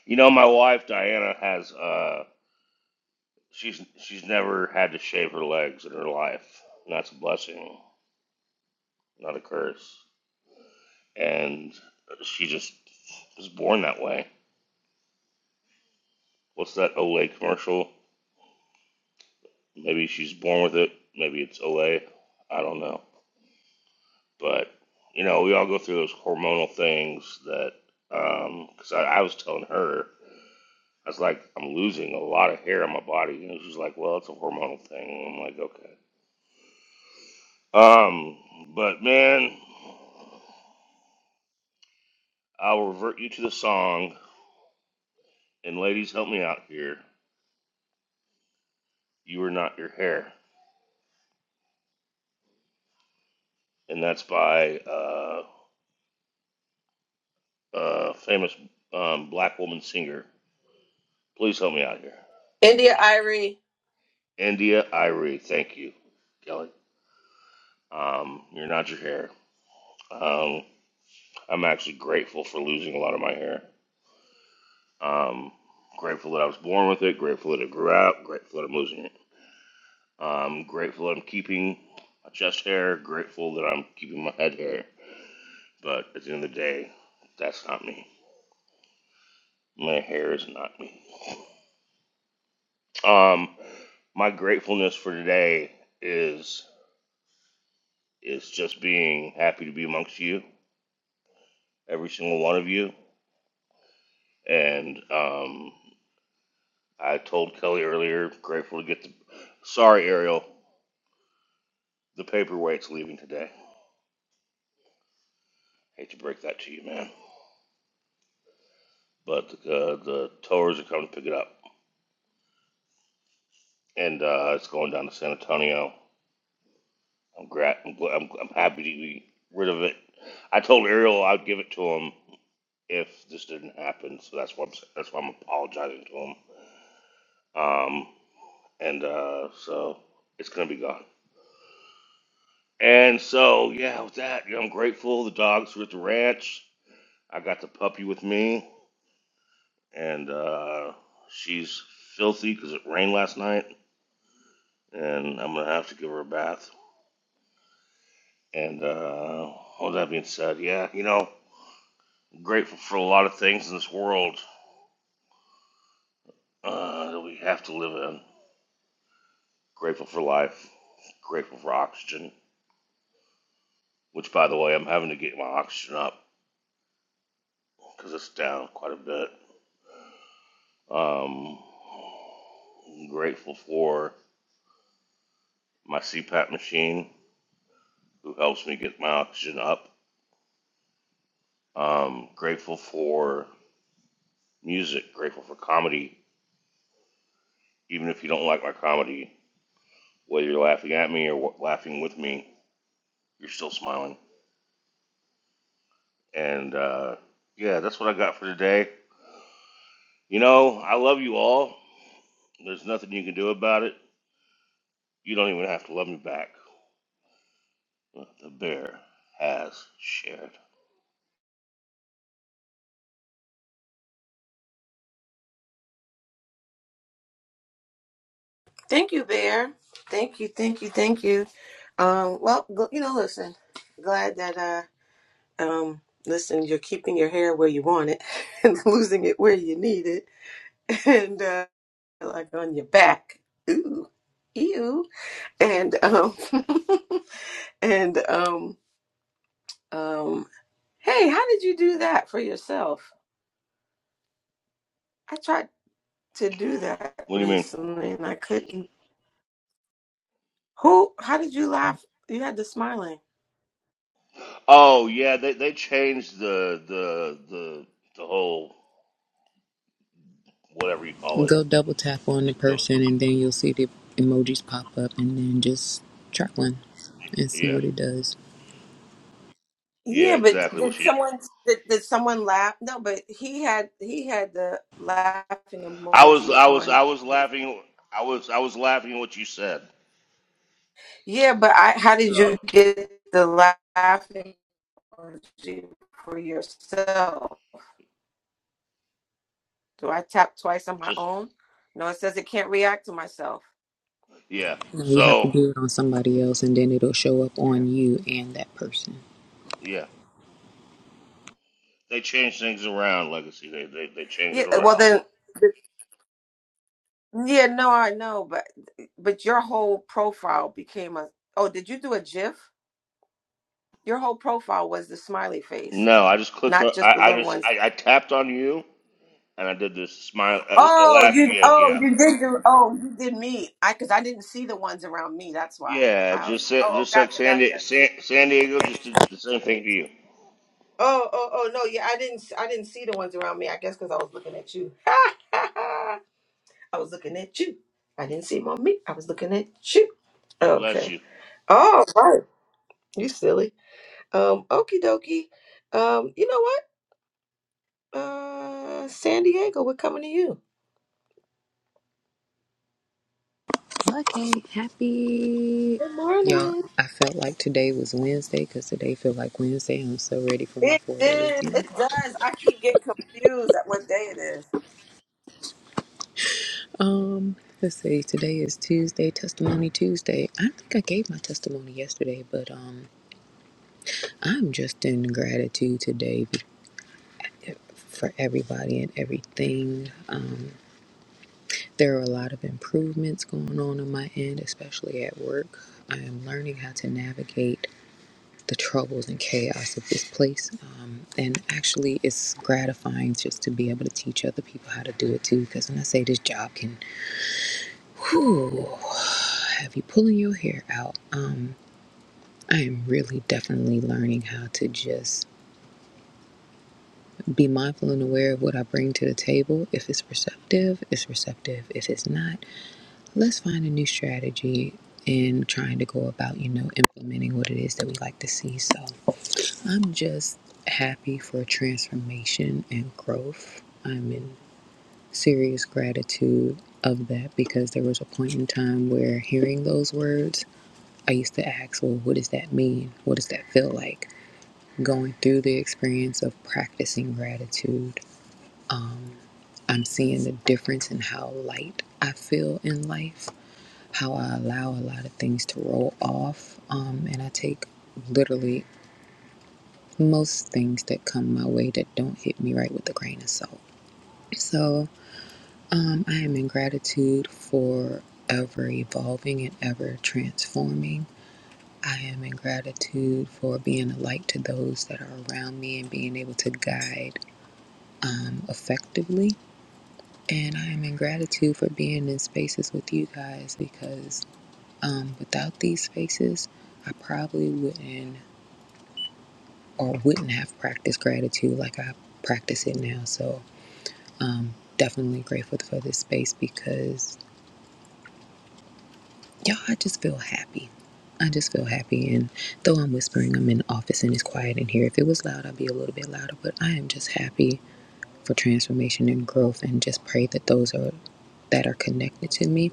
S2: You know, my wife Diana has uh, she's she's never had to shave her legs in her life. And that's a blessing, not a curse. And she just was born that way. What's that Olay commercial? Maybe she's born with it. Maybe it's Olay. I don't know. But you know, we all go through those hormonal things that because I, I was telling her. I was like, I'm losing a lot of hair on my body, and she's like, "Well, it's a hormonal thing." I'm like, "Okay." Um, but man, I'll revert you to the song, and ladies, help me out here. You are not your hair, and that's by uh, a famous um, black woman singer. Please help me out here,
S1: India Irie.
S2: India Irie. Thank you, Kelly. Um, you're not your hair. Um, I'm actually grateful for losing a lot of my hair. Um, grateful that I was born with it. Grateful that it grew out. Grateful that I'm losing it. Um, grateful that I'm keeping my chest hair. Grateful that I'm keeping my head hair. But at the end of the day, that's not me. My hair is not me. Um, my gratefulness for today is is just being happy to be amongst you, every single one of you, and um, I told Kelly earlier, grateful to get the. Sorry, Ariel, the paperweight's leaving today. Hate to break that to you, man. But uh, the towers are coming to pick it up, and uh, it's going down to San Antonio. I'm, glad. I'm, gl- I'm I'm happy to be rid of it. I told Ariel I'd give it to him if this didn't happen, so that's why I'm, that's why I'm apologizing to him. Um, and uh, so it's gonna be gone. And so yeah, with that, you know, I'm grateful. The dogs were at the ranch. I got the puppy with me, and uh, she's filthy because it rained last night, and I'm gonna have to give her a bath. And uh, all that being said, yeah, you know, I'm grateful for a lot of things in this world uh, that we have to live in. Grateful for life. Grateful for oxygen, which, by the way, I'm having to get my oxygen up because it's down quite a bit. Um, I'm grateful for my CPAP machine, who helps me get my oxygen up Um, grateful for music, grateful for comedy. Even if you don't like my comedy, whether you're laughing at me or wa- laughing with me, you're still smiling. And uh, yeah, that's what I got for today. You know, I love you all. There's nothing you can do about it. You don't even have to love me back. The bear has shared.
S1: Thank you, Bear. Thank you, thank you, thank you. Um, well, gl- you know, listen, glad that. uh, Um, listen, you're keeping your hair where you want it and losing it where you need it, and uh, like on your back. Ooh, ew. And um, and um, um. Hey, how did you do that for yourself? I tried to do that
S2: What do you mean?
S1: recently and I couldn't. Who? How did you laugh? You had the smiling.
S2: Oh yeah, they they changed the the the the whole whatever you call it.
S10: Go double tap on the
S2: The-
S10: person and then you'll see the emojis pop up and then just try one and see
S2: yeah,
S10: what it does.
S2: yeah,
S1: Yeah, but
S2: exactly what
S1: did
S2: she
S1: someone did, did someone laugh? No, but he had he had the laughing
S2: I was
S1: emoji
S2: I was
S1: on
S2: I was laughing I was I was laughing at what you said.
S1: Yeah, but I, how did
S2: So
S1: you get the laughing emoji for yourself? Do I tap twice on my
S2: just
S1: own? No, it says it can't react to myself.
S2: yeah.
S10: You, know, you have to
S2: So
S10: do it on somebody else and then it'll show up
S1: Yeah,
S10: on you and that person.
S2: yeah. They changed things around, Legacy. They they, they changed it
S1: Yeah, well
S2: around.
S1: then, yeah, no, I know, but but your whole profile became a. Oh, did you do a GIF? Your whole profile was the smiley face,
S2: No, I just clicked on
S1: not just
S2: I,
S1: the
S2: I
S1: little
S2: just
S1: ones.
S2: I, I tapped on you and I did this smile uh, uh,
S1: Oh,
S2: laugh
S1: you,
S2: again,
S1: oh,
S2: yeah.
S1: you did do. Oh, you did me. I because I didn't see the ones around me. That's why.
S2: Yeah,
S1: I,
S2: just sa-
S1: oh,
S2: just like
S1: gotcha,
S2: San,
S1: gotcha.
S2: Di- San, San Diego just did the same thing to you.
S1: Oh, oh, oh no, yeah, I didn't I didn't see the ones around me. I guess because I was looking at you. I was looking at you. I didn't see them on me. I was looking at you.
S2: Bless
S1: Okay.
S2: you.
S1: All right. You silly. Um, okie dokie. Um, you know what? Uh San Diego, we're coming to you.
S10: Okay, happy.
S1: Good
S10: Y'all,
S1: morning.
S10: I felt like today was Wednesday because today feel like Wednesday. I'm so ready for my
S1: It
S10: four day
S1: is.
S10: weekend.
S1: It does. I keep getting confused at what day it is.
S10: Um, let's see. Today is Tuesday, Testimony Tuesday. I think I gave my testimony yesterday, but um, I'm just in gratitude today for everybody and everything. Um, there are a lot of improvements going on on my end, especially at work. I am learning how to navigate the troubles and chaos of this place. Um, and actually, it's gratifying just to be able to teach other people how to do it too. Because when I say this job can whew, have you pulling your hair out, um, I am really definitely learning how to just be mindful and aware of what I bring to the table. If it's receptive, it's receptive. If it's not, let's find a new strategy in trying to go about, you know, implementing what it is that we like to see. So I'm just happy for transformation and growth. I'm in serious gratitude of that because there was a point in time where hearing those words, I used to ask, well, what does that mean? What does that feel like? Going through the experience of practicing gratitude I'm seeing the difference in how light I feel in life, how I allow a lot of things to roll off. Um, and I take literally most things that come my way that don't hit me right with a grain of salt. So um, I am in gratitude for ever evolving and ever transforming. I am in gratitude for being a light to those that are around me and being able to guide um, effectively. And I am in gratitude for being in spaces with you guys because um, without these spaces, I probably wouldn't or wouldn't have practiced gratitude like I practice it now. So, um, definitely grateful for this space because y'all, I just feel happy. I just feel happy. And though I'm whispering, I'm in the office and it's quiet in here. If it was loud, I'd be a little bit louder, but I am just happy for transformation and growth and just pray that those are that are connected to me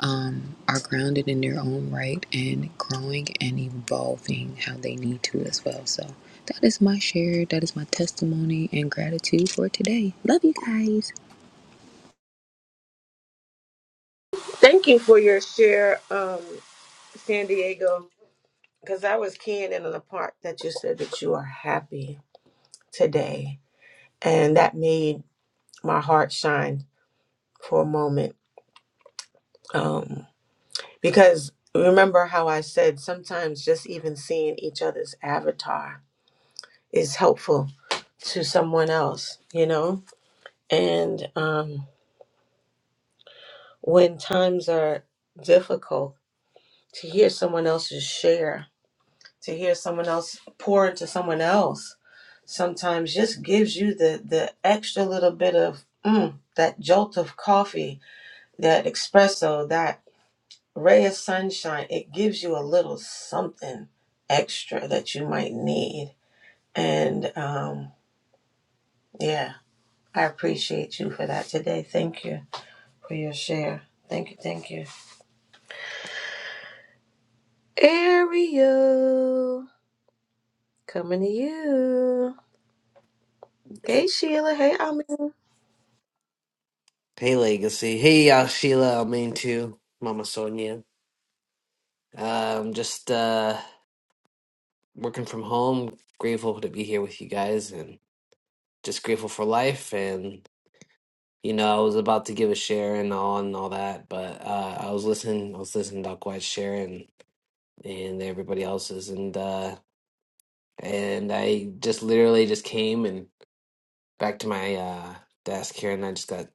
S10: um, are grounded in their own right and growing and evolving how they need to as well. So that is my share. That is my testimony and gratitude for today. Love you guys.
S1: Thank you for your share, um, San Diego. Because I was keying in on the part that you said that you are happy. today. And that made my heart shine for a moment. Um, because remember how I said sometimes just even seeing each other's avatar is helpful to someone else, you know? And um, when times are difficult, to hear someone else's share, to hear someone else pour into someone else, sometimes just gives you the, the extra little bit of mm, that jolt of coffee that espresso, that ray of sunshine, it gives you a little something extra that you might need. And um, yeah, I appreciate you for that today. Thank you for your share. Thank you, thank you. Ariel, coming to you. Hey Sheila, hey Amin.
S7: Hey, Legacy. Hey, y'all, Sheila. I mean, too. Mama Sonia. Um, just uh, working from home. Grateful to be here with you guys and just grateful for life and you know i was about to give a share and all and all that but uh i was listening i was listening to quite sharing and everybody else's and uh and i just literally just came and back to my uh desk here and i just got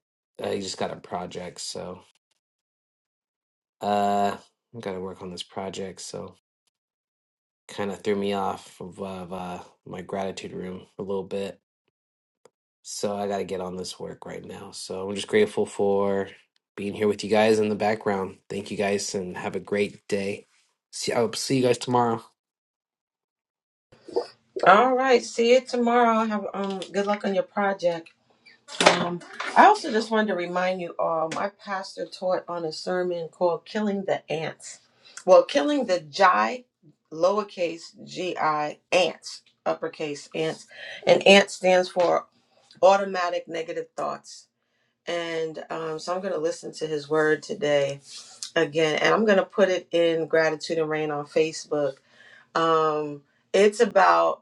S7: i just got a project so uh i gotta work on this project so kind of threw me off of, of uh my gratitude room a little bit So I got to get on this work right now. So I'm just grateful for being here with you guys in the background. Thank you guys and have a great day. See, I'll see you guys tomorrow.
S1: All right, see you tomorrow. Have um good luck on your project. Um, I also just wanted to remind you all, my pastor taught on a sermon called Killing the Ants. Well, Killing the Gi, lowercase gi, ants, uppercase ants. And ant stands for automatic negative thoughts. And um, so I'm going to listen to his word today again, and I'm going to put it in Gratitude and Rain on Facebook. Um, it's about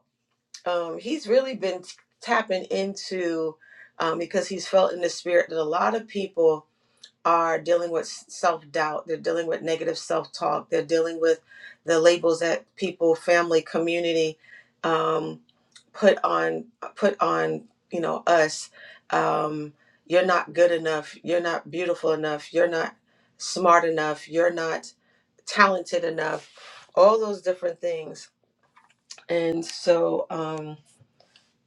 S1: um, he's really been t- tapping into um, because he's felt in the spirit that a lot of people are dealing with self doubt. They're dealing with negative self talk. They're dealing with the labels that people, family, community um, put on uh, put on you know us. Um, you're not good enough. You're not beautiful enough. You're not smart enough. You're not talented enough. All those different things. And so. Um,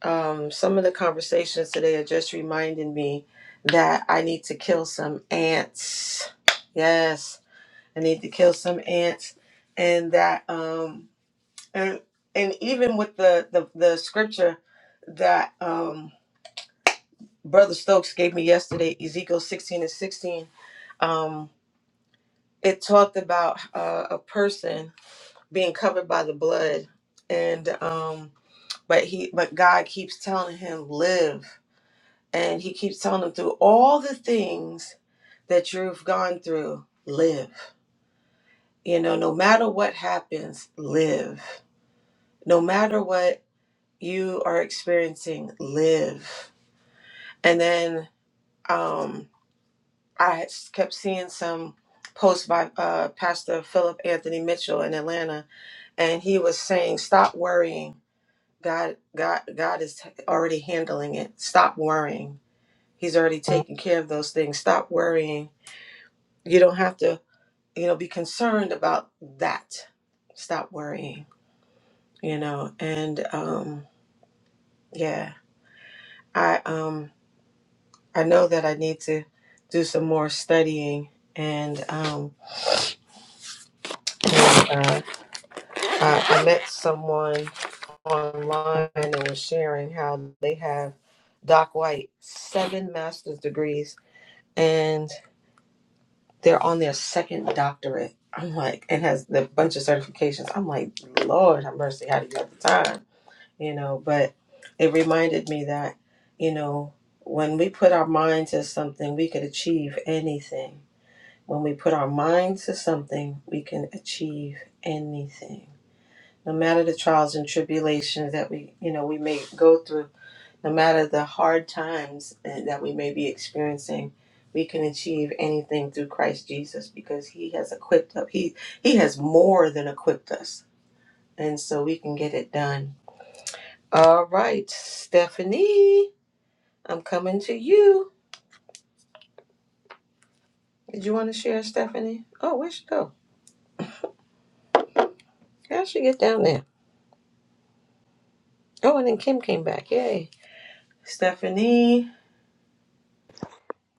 S1: um, some of the conversations today are just reminding me that I need to kill some ants. Yes, I need to kill some ants, and that um, and and even with the the, the scripture that um, Brother Stokes gave me yesterday, Ezekiel sixteen and sixteen, um, it talked about uh, a person being covered by the blood, and um, but he but God keeps telling him live And he keeps telling them through all the things that you've gone through, live. You know, no matter what happens, live. No matter what you are experiencing, live. And then um, I kept seeing some posts by uh, Pastor Philip Anthony Mitchell in Atlanta, and he was saying, "Stop worrying. God, God, God is already handling it. Stop worrying. He's already taking care of those things. Stop worrying. You don't have to." you know be concerned about that stop worrying you know and um yeah i um i know that i need to do some more studying and um and, uh, I, I met someone online and was sharing how they have doc white seven master's degrees and they're on their second doctorate i'm like and has a bunch of certifications i'm like lord have mercy how do you have the time you know but it reminded me that you know when we put our mind to something we could achieve anything when we put our mind to something we can achieve anything no matter the trials and tribulations that we you know we may go through no matter the hard times eh, that we may be experiencing we can achieve anything through Christ Jesus because he has equipped us he he has more than equipped us and so we can get it done all right, Stephanie, I'm coming to you. Did you want to share, Stephanie? Oh, where'd she go? How'd she get down there? Oh, and then Kim came back. Yay. Stephanie.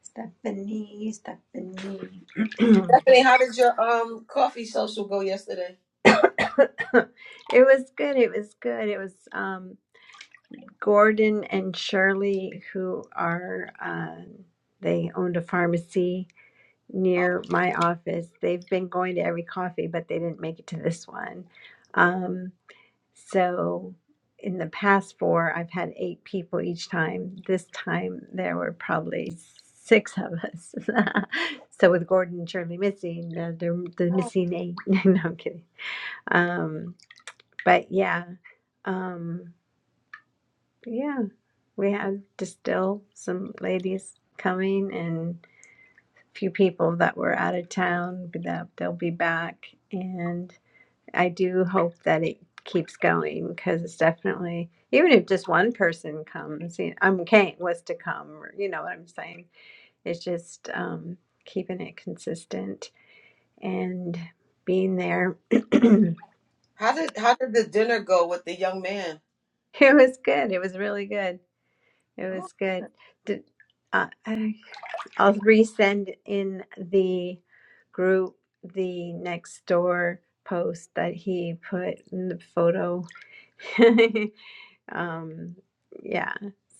S3: Stephanie, Stephanie.
S1: Stephanie, how did your um coffee social go yesterday?
S3: it was good. It was good. It was um, Gordon and Shirley, who are, uh, they owned a pharmacy
S1: Oh,
S3: near my office. They've been going to every coffee, but they didn't make it to this one. Um, So in the past four, I've had eight people each time. This time there were probably six of us. so with Gordon and Shirley missing, the, the, the missing eight. no, I'm kidding. Um, but yeah, um, yeah, we had just still some ladies coming and a few people that were out of town but that they'll be back. and. I do hope that it keeps going because it's definitely even if just one person comes, you know, I'm okay was to come, or, you know what I'm saying. It's just um, keeping it consistent and being there. it
S1: how did how did the dinner go with the young man?
S3: was good. It was really good. It
S1: Oh,
S3: was good. Did, uh, I, I'll resend in the group the next door post that he put in the photo Um, yeah.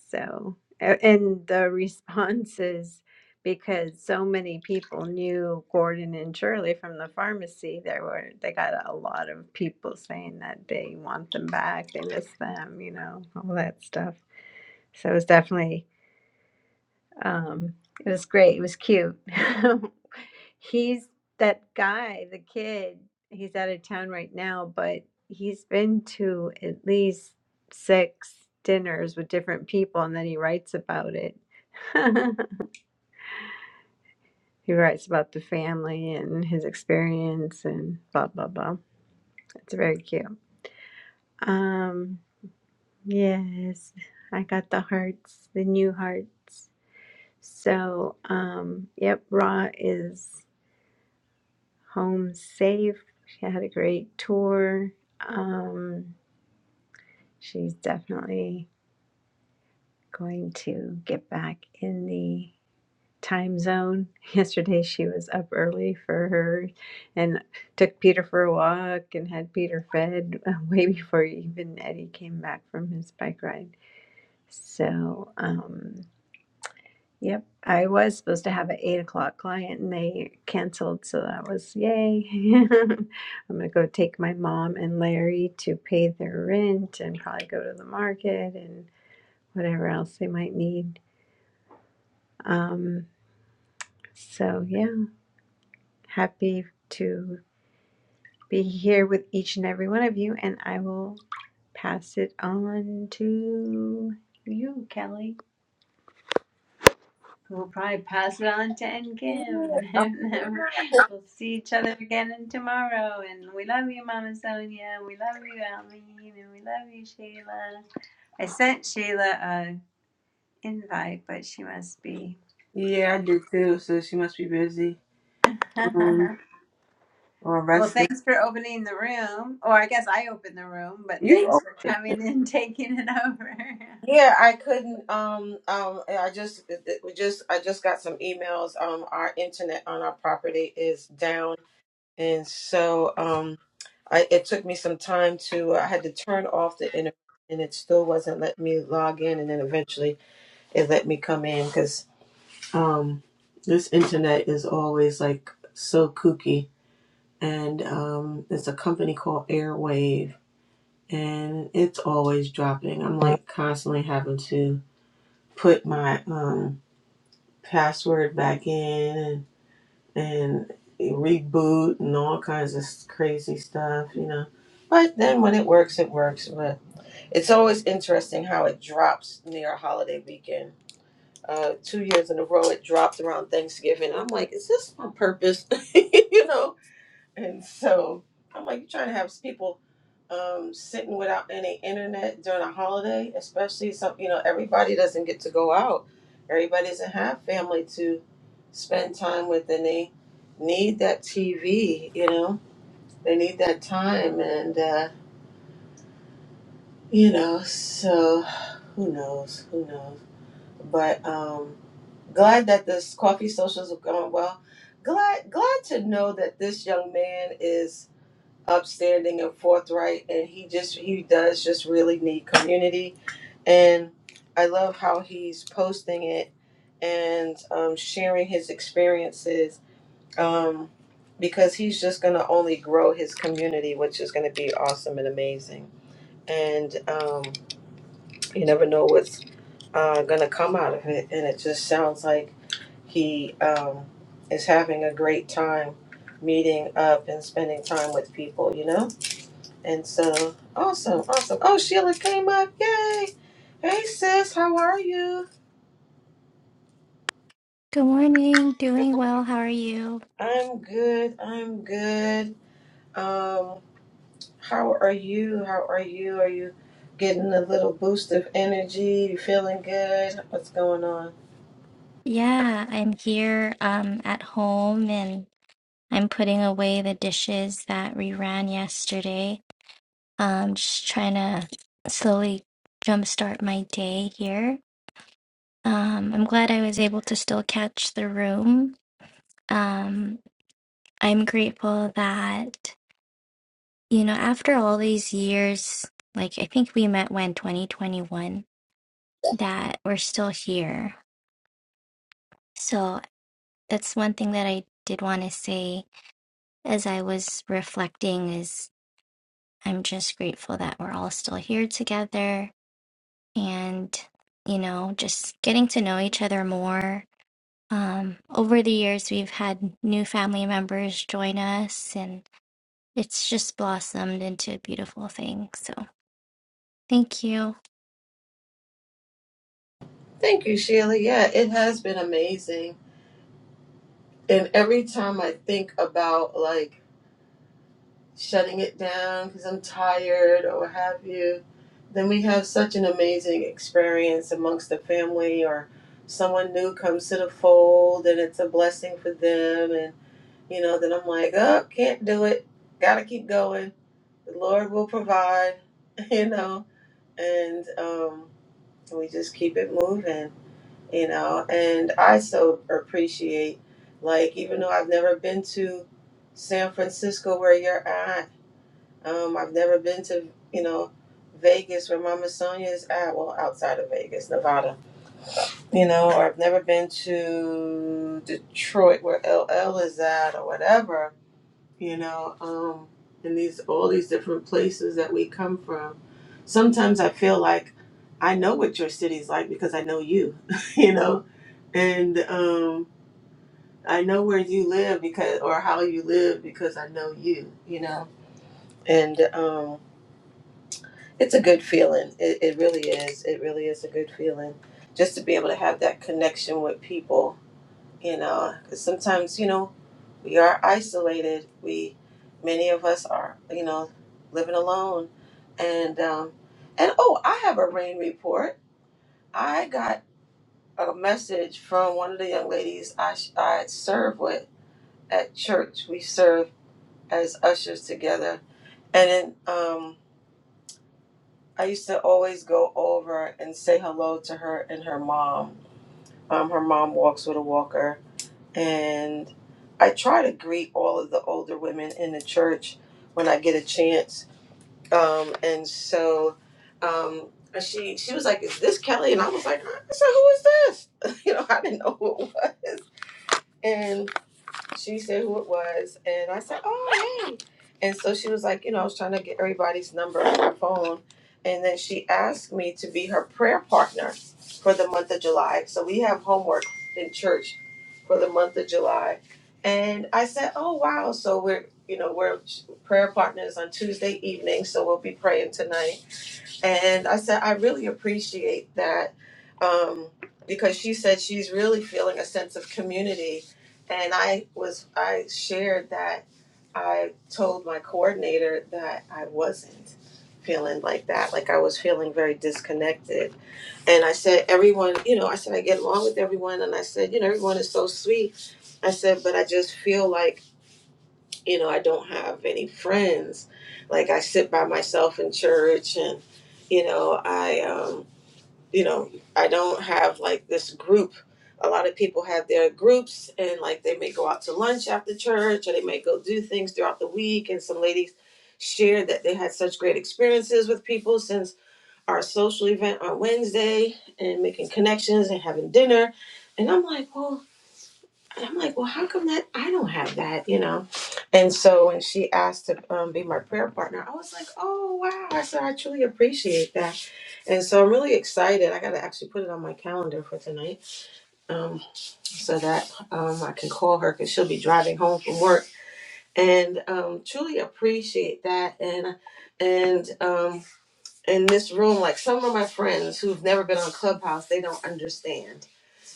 S3: So, a- and the responses, because so many people knew Gordon and Shirley from the pharmacy, there were, they got a lot of people saying that they want them back, they miss them, you know, all that stuff. So it was definitely, um, it was great. It was cute. He's that guy, the kid. He's out of town right now, but he's been to at least six dinners with different people, and then he writes about it. he writes about the family and his experience and blah blah blah. It's very cute. Um, yes, I got the hearts, the new hearts. So, um, yep, Ra is. home safe. She had a great tour. Um, she's definitely going to get back in the time zone. Yesterday she was up early for her and took Peter for a walk and had Peter fed uh, way before even Eddie came back from his bike ride. So, um, Yep, I was supposed to have an eight o'clock client and they canceled, so that was yay. I'm gonna go take my mom and Larry to pay their rent and probably go to the market and whatever else they might need. Um, so yeah, happy to be here with each and every one of you, and I will pass it on to you, Kelly. We'll probably pass it on to N Kim. And then we'll see each other again and tomorrow. And we love you, Mama Sonia. We love you, Almeen. And we love you, Sheila. I sent Sheila a invite, but she must be.
S1: yeah, I did too, so she must be busy. Um,
S3: well,
S1: or resting.
S3: thanks for opening the room. Or I guess I opened the room, but
S1: You
S3: thanks for coming and taking it over.
S1: Yeah, I couldn't. Um, um, I just it- it- we just I just got some emails. Um, our internet on our property is down, and so um, I it took me some time to I had to turn off the internet, and it still wasn't letting me log in, and then eventually it let me come in because um, this internet is always like so kooky, and um, it's a company called Airwave, and it's always dropping. I'm like constantly having to put my um, password back in and, and reboot and all kinds of crazy stuff, you know. But then when it works, it works. But it's always interesting how it drops near a holiday weekend. Uh, two years in a row, it dropped around Thanksgiving. I'm like, is this on purpose? you know, and so I'm like, you're trying to have people um, sitting without any internet during a holiday, especially some, you know, everybody doesn't get to go out. Everybody doesn't have family to spend time with, and they need that TV, you know, they need that time. And, uh, you know, so who knows? Who knows? But, um, glad that this coffee socials have gone well. Glad glad to know that this young man is upstanding and forthright and he just he does just really need community and i love how he's posting it and um, sharing his experiences um, because he's just going to only grow his community which is going to be awesome and amazing and um, you never know what's uh, going to come out of it and it just sounds like he um, is having a great time meeting up and spending time with people you know and so, awesome, awesome. Oh, Sheila came up. Yay. Hey, sis, how are you?
S11: Good morning. Doing well. How are you?
S1: I'm good. I'm good. Um, how are you? How are you? Are you getting a little boost of energy? You feeling good? What's going on?
S11: Yeah, I'm here um at home and I'm putting away the dishes that we ran yesterday. Um just trying to slowly jumpstart my day here. Um I'm glad I was able to still catch the room. Um I'm grateful that you know after all these years, like I think we met when 2021, that we're still here. So. that's one thing that I did want to say as I was reflecting is I'm just grateful that we're all still here together and you know just getting to know each other more. Um, over the years, we've had new family members join us, and it's just blossomed into a beautiful thing. So, thank you.
S1: Thank you, Sheila. Yeah, it has been amazing. And every time I think about like shutting it down because I'm tired or what have you, then we have such an amazing experience amongst the family or someone new comes to the fold and it's a blessing for them. And, you know, then I'm like, oh, can't do it. Gotta keep going. The Lord will provide, you know, and um, we just keep it moving, you know. And I so appreciate, like, even though I've never been to San Francisco where you're at, um, I've never been to, you know, Vegas where Mama Sonia is at. Well, outside of Vegas, Nevada. You know, or I've never been to Detroit where LL is at, or whatever. You know, um, and these all these different places that we come from. Sometimes I feel like I know what your city's like because I know you. you know, and um, I know where you live because, or how you live because I know you. You know, and. Um, It's a good feeling. It, it really is. It really is a good feeling just to be able to have that connection with people, you know, 'cause sometimes, you know, we are isolated. We, many of us are, you know, living alone. And, um, and oh, I have a rain report. I got a message from one of the young ladies I, sh- I serve with at church. We serve as ushers together. And then, um, I used to always go over and say hello to her and her mom. Um, her mom walks with a walker, and I try to greet all of the older women in the church when I get a chance. Um, and so um, she she was like, "Is this Kelly?" And I was like, "Huh?" "I said, who is this?" you know, I didn't know who it was. And she said who it was, and I said, "Oh, hey!" And so she was like, you know, I was trying to get everybody's number on her phone, and then she asked me to be her prayer partner for the month of July. So we have homework in church for the month of July, and I said, "Oh, wow!" So we're, you know, we're prayer partners on Tuesday evening, so we'll be praying tonight. And I said, I really appreciate that um, because she said she's really feeling a sense of community. And I was, I shared that I told my coordinator that I wasn't feeling like that. Like I was feeling very disconnected. And I said, everyone, you know, I said, I get along with everyone. And I said, you know, everyone is so sweet. I said, but I just feel like, you know, I don't have any friends. Like I sit by myself in church and you know, I um you know, I don't have like this group. A lot of people have their groups and like they may go out to lunch after church or they may go do things throughout the week and some ladies shared that they had such great experiences with people since our social event on Wednesday and making connections and having dinner. And I'm like, well, and I'm like, well, how come that I don't have that, you know? And so when she asked to um, be my prayer partner, I was like, oh, wow. I said, I truly appreciate that. And so I'm really excited. I got to actually put it on my calendar for tonight um, so that um, I can call her because she'll be driving home from work. And um, truly appreciate that. And, and, um, in this room, like some of my friends who've never been on Clubhouse, they don't understand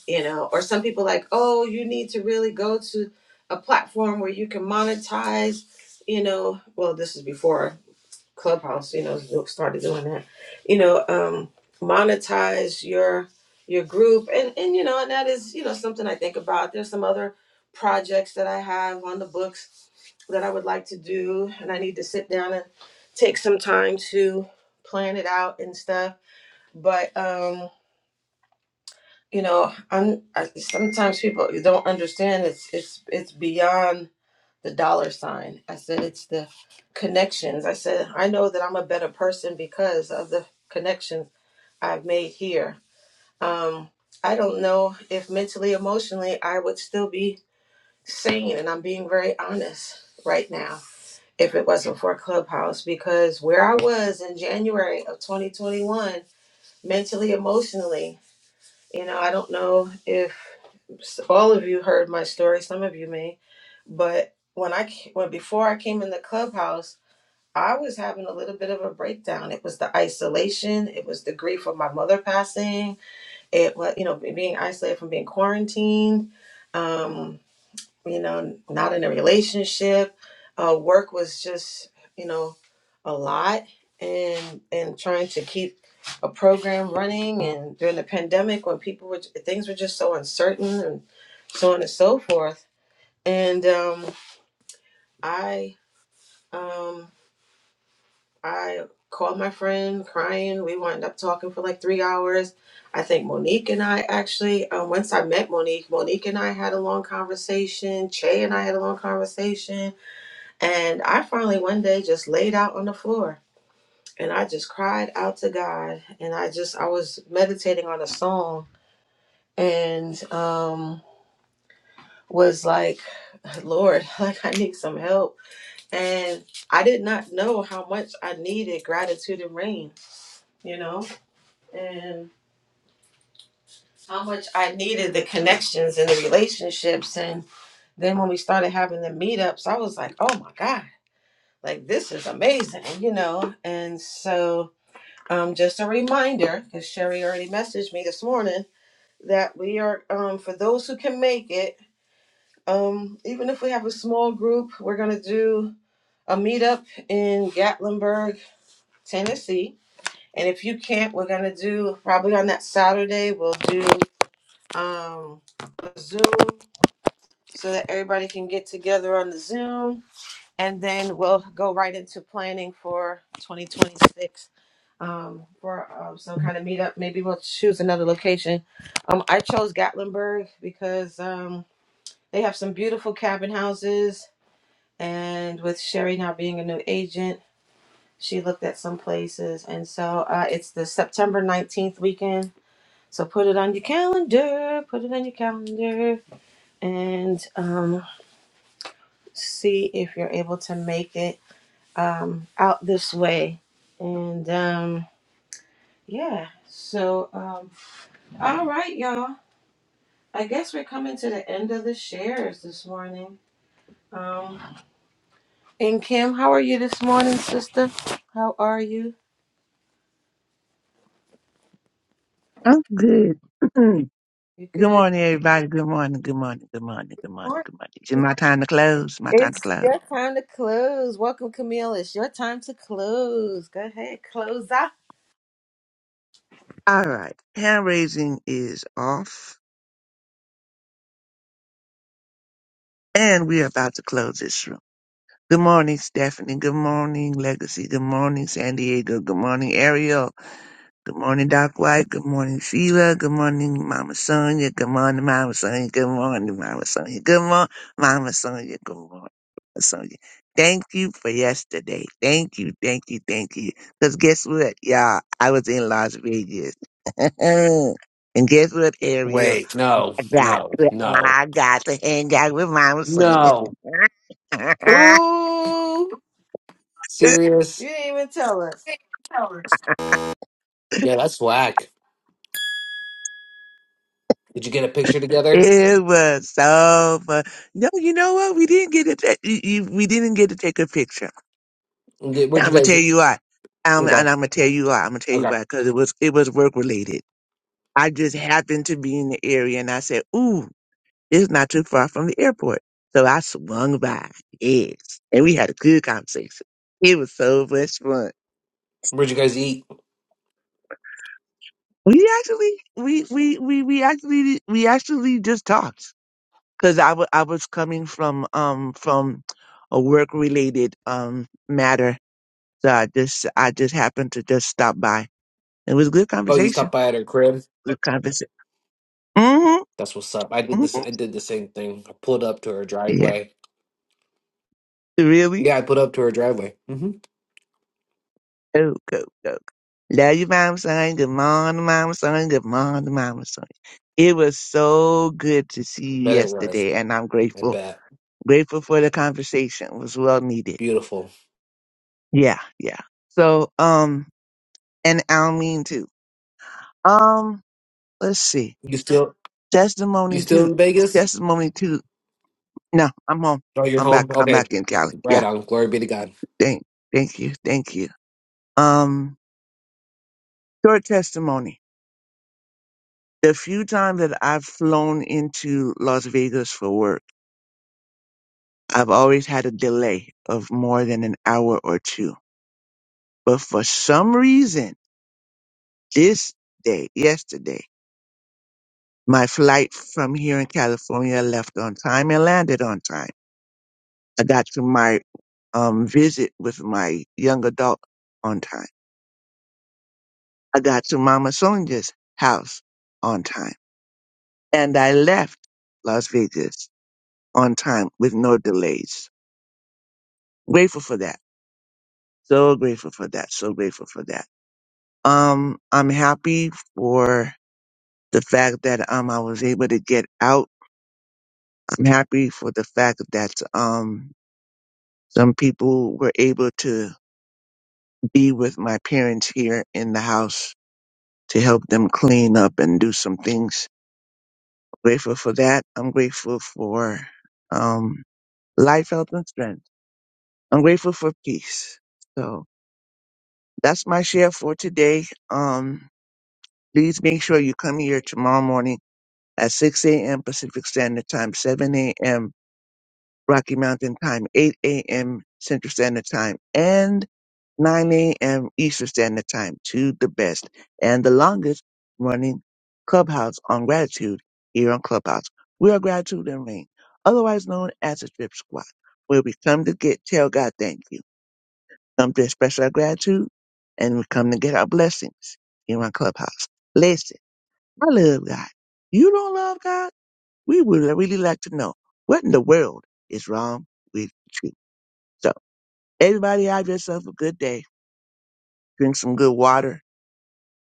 S1: you know or some people like oh you need to really go to a platform where you can monetize you know well this is before clubhouse you know started doing that you know um monetize your your group and and you know and that is you know something i think about there's some other projects that i have on the books that i would like to do and i need to sit down and take some time to plan it out and stuff but um, you know i'm I, sometimes people don't understand it's it's it's beyond the dollar sign i said it's the connections i said i know that i'm a better person because of the connections i've made here um i don't know if mentally emotionally i would still be sane and i'm being very honest right now if it wasn't for clubhouse because where i was in january of 2021 mentally emotionally you know, I don't know if s- all of you heard my story, some of you may, but when I ca- when before I came in the clubhouse, I was having a little bit of a breakdown. It was the isolation, it was the grief of my mother passing, it was you know being isolated from being quarantined. Um, you know, not in a relationship. Uh, work was just, you know, a lot, and and trying to keep a program running, and during the pandemic when people were things were just so uncertain, and so on and so forth. And um, I um, I called my friend crying. We wound up talking for like three hours. I think Monique and I actually, um, once I met Monique, Monique and I had a long conversation. Che and I had a long conversation And I finally one day just laid out on the floor and I just cried out to God. And I just, I was meditating on a song and um, was like, Lord, like I need some help. And I did not know how much I needed gratitude and rain, you know, and how much I needed the connections and the relationships. And then when we started having the meetups, I was like, oh my God, like this is amazing, you know. And so Um, just a reminder, because Sherry already messaged me this morning, that we are, um, for those who can make it, um, even if we have a small group, we're going to do a meetup in Gatlinburg, Tennessee. And if you can't, we're going to do probably on that Saturday, we'll do um, a Zoom so that everybody can get together on the Zoom. And then we'll go right into planning for 2026 um, for um, some kind of meetup. Maybe we'll choose another location. Um, I chose Gatlinburg because um, they have some beautiful cabin houses, and with Sherry now being a new agent, she looked at some places, and so uh, it's the September nineteenth weekend. So put it on your calendar. Put it on your calendar, and um, see if you're able to make it um, out this way. And um, yeah, so um, all right, y'all. I guess we're coming to the end of the shares this morning. Um, and Kim, how are you this morning, sister? How are you?
S9: I'm good. good
S1: You good?
S9: morning, everybody. Good morning. Good morning. Good morning. Good morning.
S1: Morning.
S9: Good morning. It's my time to close. My time to
S1: It's
S9: close.
S1: your time to close. Welcome, Camille. It's your time to close. Go ahead, close out.
S9: All right. Hand raising is off, and we are about to close this room. Good morning, Stephanie. Good morning, Legacy. Good morning, San Diego. Good morning, Ariel. Good morning, Doc White. Good morning, Sheila. Good morning, Mama Sonia. Good morning, Mama Sonia. Good morning, Mama Sonia. Good morning, Mama Sonia. Good morning, Mama Sonia. Thank you for yesterday. Thank you, thank you, thank you. Because guess what, y'all? I was in Las Vegas. and guess what, Ariel?
S7: Wait, no,
S9: I got
S7: no,
S9: to,
S7: no,
S9: I got to hang out with Mama Sonia.
S7: no.
S1: Ooh, you
S7: Serious?
S1: didn't even tell her.
S7: Yeah, that's whack. Did you get a picture together?
S9: It was so fun. No, you know what? We didn't get to ta- you, you- we didn't get to take a picture.
S7: Did,
S9: And
S7: where'd
S9: I'm
S7: you
S9: gonna
S7: guys
S9: tell
S7: eat?
S9: you why. Um,
S7: Okay,
S9: and I'm gonna tell you why. I'm gonna tell you
S7: okay.
S9: why because it was it was work related. I just happened to be in the area, and I said, "Ooh, it's not too far from the airport." So I swung by. Yes, and we had a good conversation. It was so much fun.
S7: Where'd you guys eat?
S9: We actually we we we we actually we actually just talked. because I wa- I was coming from um from a work related um matter. So I just I just happened to just stop by. It was a good
S7: Oh, you
S9: conversation.
S7: stopped by at her crib.
S9: Good conversation. Mm-hmm.
S7: That's what's up. I did this.
S9: Mm-hmm.
S7: I did the same thing. I pulled up to her
S9: Yeah.
S7: driveway.
S9: Really?
S7: Yeah, I put up to her driveway. Mm-hmm.
S9: Oh, go, go. Love you, mama son. Good morning, mama son. Good morning, mama son. It was so good to see
S7: I
S9: you
S7: bet it was.
S9: yesterday, and I'm
S7: I
S9: grateful.
S7: bet.
S9: Grateful for the conversation. It was well needed.
S7: Beautiful.
S9: Yeah, yeah. So, um, and Almeen too. Um, let's see.
S7: You still you
S9: Testimony
S7: still
S9: to
S7: in Vegas?
S9: testimony to no, I'm home.
S7: Oh, you're
S9: I'm
S7: home.
S9: back. I'm
S7: Okay,
S9: back in Cali.
S7: right
S9: Yeah.
S7: on. Glory be to God.
S9: Thank thank you. Thank you. Um short testimony. The few times that I've flown into Las Vegas for work, I've always had a delay of more than an hour or two. But for some reason, this day, yesterday, my flight from here in California left on time and landed on time I got to my um, visit with my young adult on time. I got to Mama Sonia's house on time. And I left Las Vegas on time with no delays. Grateful for that. So grateful for that. So grateful for that. Um, I'm happy for the fact that, um, I was able to get out. I'm happy for the fact that, um, some people were able to be with my parents here in the house to help them clean up and do some things. Grateful for that. I'm grateful for um, life, health, and strength. I'm grateful for peace. So that's my share for today. Um, please make sure you come here tomorrow morning at 6 a.m. Pacific Standard Time, 7 a.m. Rocky Mountain Time, 8 a.m. Central Standard Time, and 9 a.m. Eastern Standard Time to the best and the longest running clubhouse on gratitude here on Clubhouse. We are Gratitude and Rain, otherwise known as the Drip Squad, where we come to get tell God thank you, come to express our gratitude, and we come to get our blessings here on Clubhouse. Listen, I love God. You don't love God? We would really like to know what in the world is wrong with you. So, everybody have yourself a good day. Drink some good water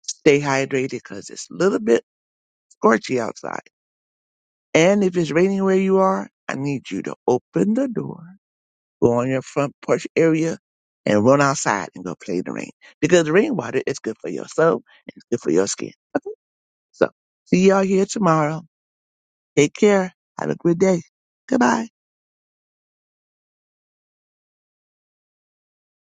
S9: Stay hydrated because it's a little bit scorchy outside. And if it's raining where you are, I need you to open the door, go on your front porch area, and run outside and go play in the rain. Because rainwater is good for your soul and it's good for your skin. So see y'all here tomorrow. Take care. Have a good day. Goodbye.